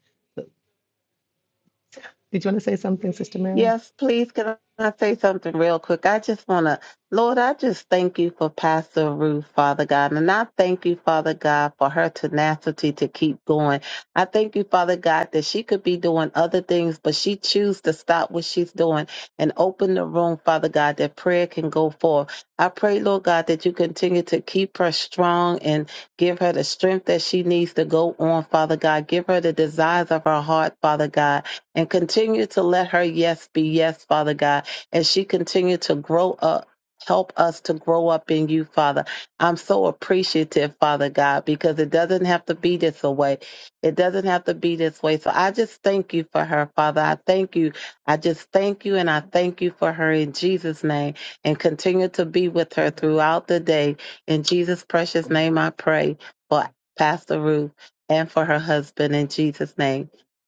S1: Did you want to say something, Sister Mary?
S2: Yes, please. Can I say something real quick? I just want to, Lord, I just thank you for Pastor Ruth, Father God. And I thank you, Father God, for her tenacity to keep going. I thank you, Father God, that she could be doing other things, but she choose to stop what she's doing and open the room, Father God, that prayer can go forth. I pray, Lord God, that you continue to keep her strong and give her the strength that she needs to go on, Father God. Give her the desires of her heart, Father God and continue to let her yes be yes, Father God, as she continue to grow up. Help us to grow up in you, Father. I'm so appreciative, Father God, because it doesn't have to be this way. It doesn't have to be this way. So I just thank you for her, Father. I thank you. I just thank you and I thank you for her in Jesus' name and continue to be with her throughout the day. In Jesus' precious name, I pray for Pastor Ruth and for her husband in Jesus' name.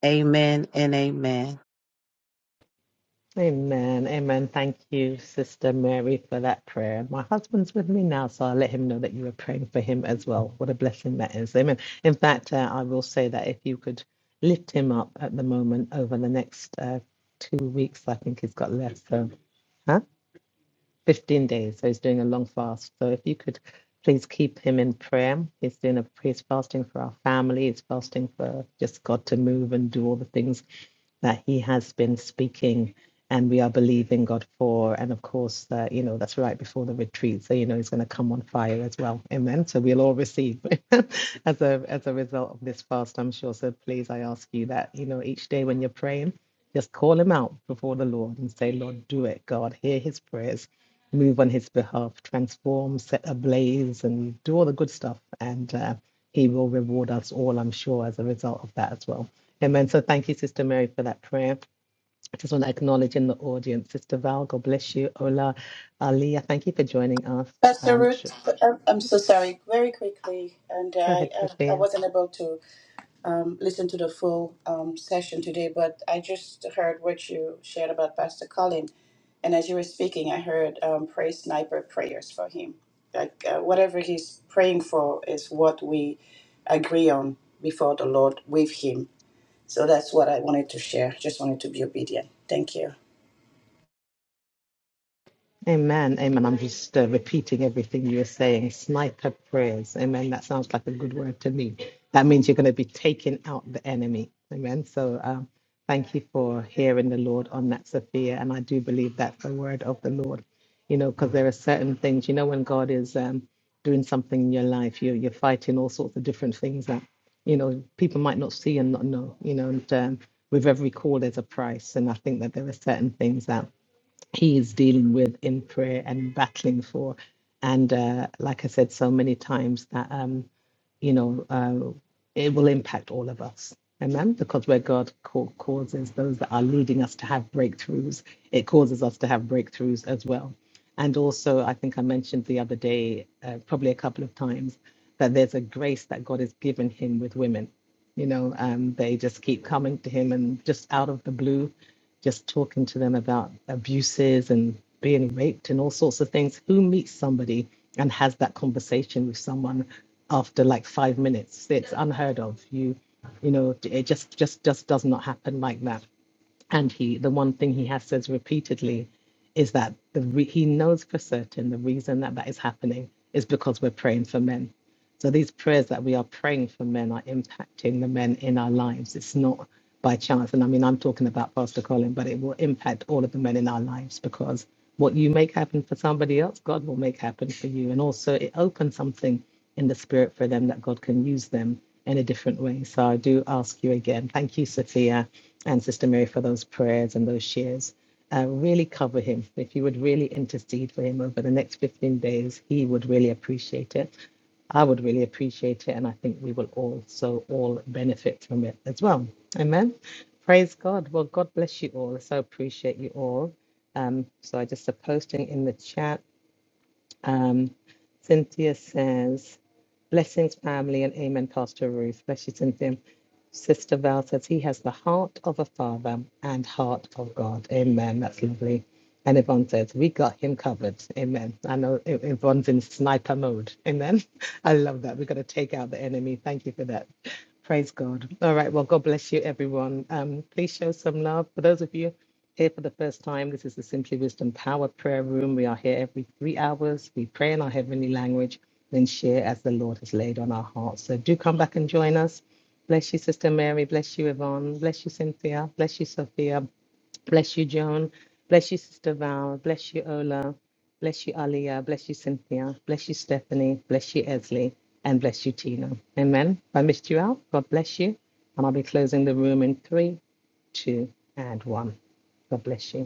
S2: Amen and amen.
S1: Amen. Amen. Thank you, Sister Mary, for that prayer. My husband's with me now, so I'll let him know that you were praying for him as well. What a blessing that is. Amen. In fact, uh, I will say that if you could lift him up at the moment over the next uh, two weeks, I think he's got left. So, huh? 15 days. So he's doing a long fast. So if you could please keep him in prayer. He's doing a he's fasting for our family. He's fasting for just God to move and do all the things that he has been speaking and we are believing God for. And of course, that you know, that's right before the retreat. So, you know, he's going to come on fire as well. Amen. So we'll all receive as a as a result of this fast, I'm sure. So please, I ask you that, you know, each day when you're praying, just call him out before the Lord and say, Lord, do it, God, hear his prayers. Move on his behalf, transform, set ablaze, and do all the good stuff. And uh, he will reward us all, I'm sure, as a result of that as well. Amen. So thank you, Sister Mary, for that prayer. I just want to acknowledge in the audience, Sister Val, God bless you. Ola, Ali, thank you for joining us.
S6: Pastor
S1: Um,
S6: Ruth,
S1: sure.
S6: I'm I'm so sorry. Very quickly, and
S1: Go
S6: I
S1: ahead,
S6: I I
S1: Sophia.
S6: wasn't able to um, listen to the full um, session today, but I just heard what you shared about Pastor Colin, and as you were speaking, I heard um, pray sniper prayers for him. Like uh, whatever he's praying for is what we agree on before the Lord with him. So that's what I wanted to share. Just wanted to be obedient. Thank you.
S1: Amen. Amen. I'm just uh, repeating everything you are saying. Sniper prayers. Amen. That sounds like a good word to me. That means you're going to be taking out the enemy. Amen. So um, thank you for hearing the Lord on that, Sophia. And I do believe that's the word of the Lord, you know, because there are certain things, you know, when God is um, doing something in your life, you're, you're fighting all sorts of different things that, you know, people might not see and not know, you know, and um, with every call, there's a price. And I think that there are certain things that he is dealing with in prayer and battling for. And uh, like I said so many times, that, um, you know, uh, it will impact all of us. Amen. Because where God ca- causes those that are leading us to have breakthroughs, it causes us to have breakthroughs as well. And also, I think I mentioned the other day, uh, probably a couple of times, that there's a grace that God has given him with women you know, um, they just keep coming to him and just out of the blue, just talking to them about abuses and being raped and all sorts of things. Who meets somebody and has that conversation with someone after like five minutes? It's unheard of. You, you know, it just just just does not happen like that. And he, the one thing he has says repeatedly, is that the re- he knows for certain the reason that that is happening is because we're praying for men so these prayers that we are praying for men are impacting the men in our lives. It's not by chance. And I mean, I'm talking about Pastor Colin, but it will impact all of the men in our lives because what you make happen for somebody else, God will make happen for you. And also, it opens something in the spirit for them that God can use them in a different way. So I do ask you again, thank you, Sophia and Sister Mary, for those prayers and those shares. Uh, really cover him. If you would really intercede for him over the next 15 days, he would really appreciate it. I would really appreciate it. And I think we will also all benefit from it as well. Amen. Praise God. Well, God bless you all. I so appreciate you all. Um, so I just a posting in the chat. Um, Cynthia says, Blessings, family, and amen, Pastor Ruth. Bless you, Cynthia. Sister Val says he has the heart of a father and heart of God. Amen. That's lovely. And Yvonne says, We got him covered. Amen. I know Y- Yvonne's in sniper mode. Amen. I love that. We're going to take out the enemy. Thank you for that. Praise God. All right. Well, God bless you, everyone. Um, please show some love. For those of you here for the first time, this is the Simply Wisdom Power Prayer Room. We are here every three hours. We pray in our heavenly language, then share as the Lord has laid on our hearts. So do come back and join us. Bless you, Sister Mary. Bless you, Yvonne. Bless you, Cynthia. Bless you, Sophia. Bless you, Joan. Bless you, Sister Val. Bless you, Ola. Bless you, Aliyah. Bless you, Cynthia. Bless you, Stephanie. Bless you, Esley. And bless you, Tina. Amen. If I missed you out, God bless you. And I'll be closing the room in three, two, and one. God bless you.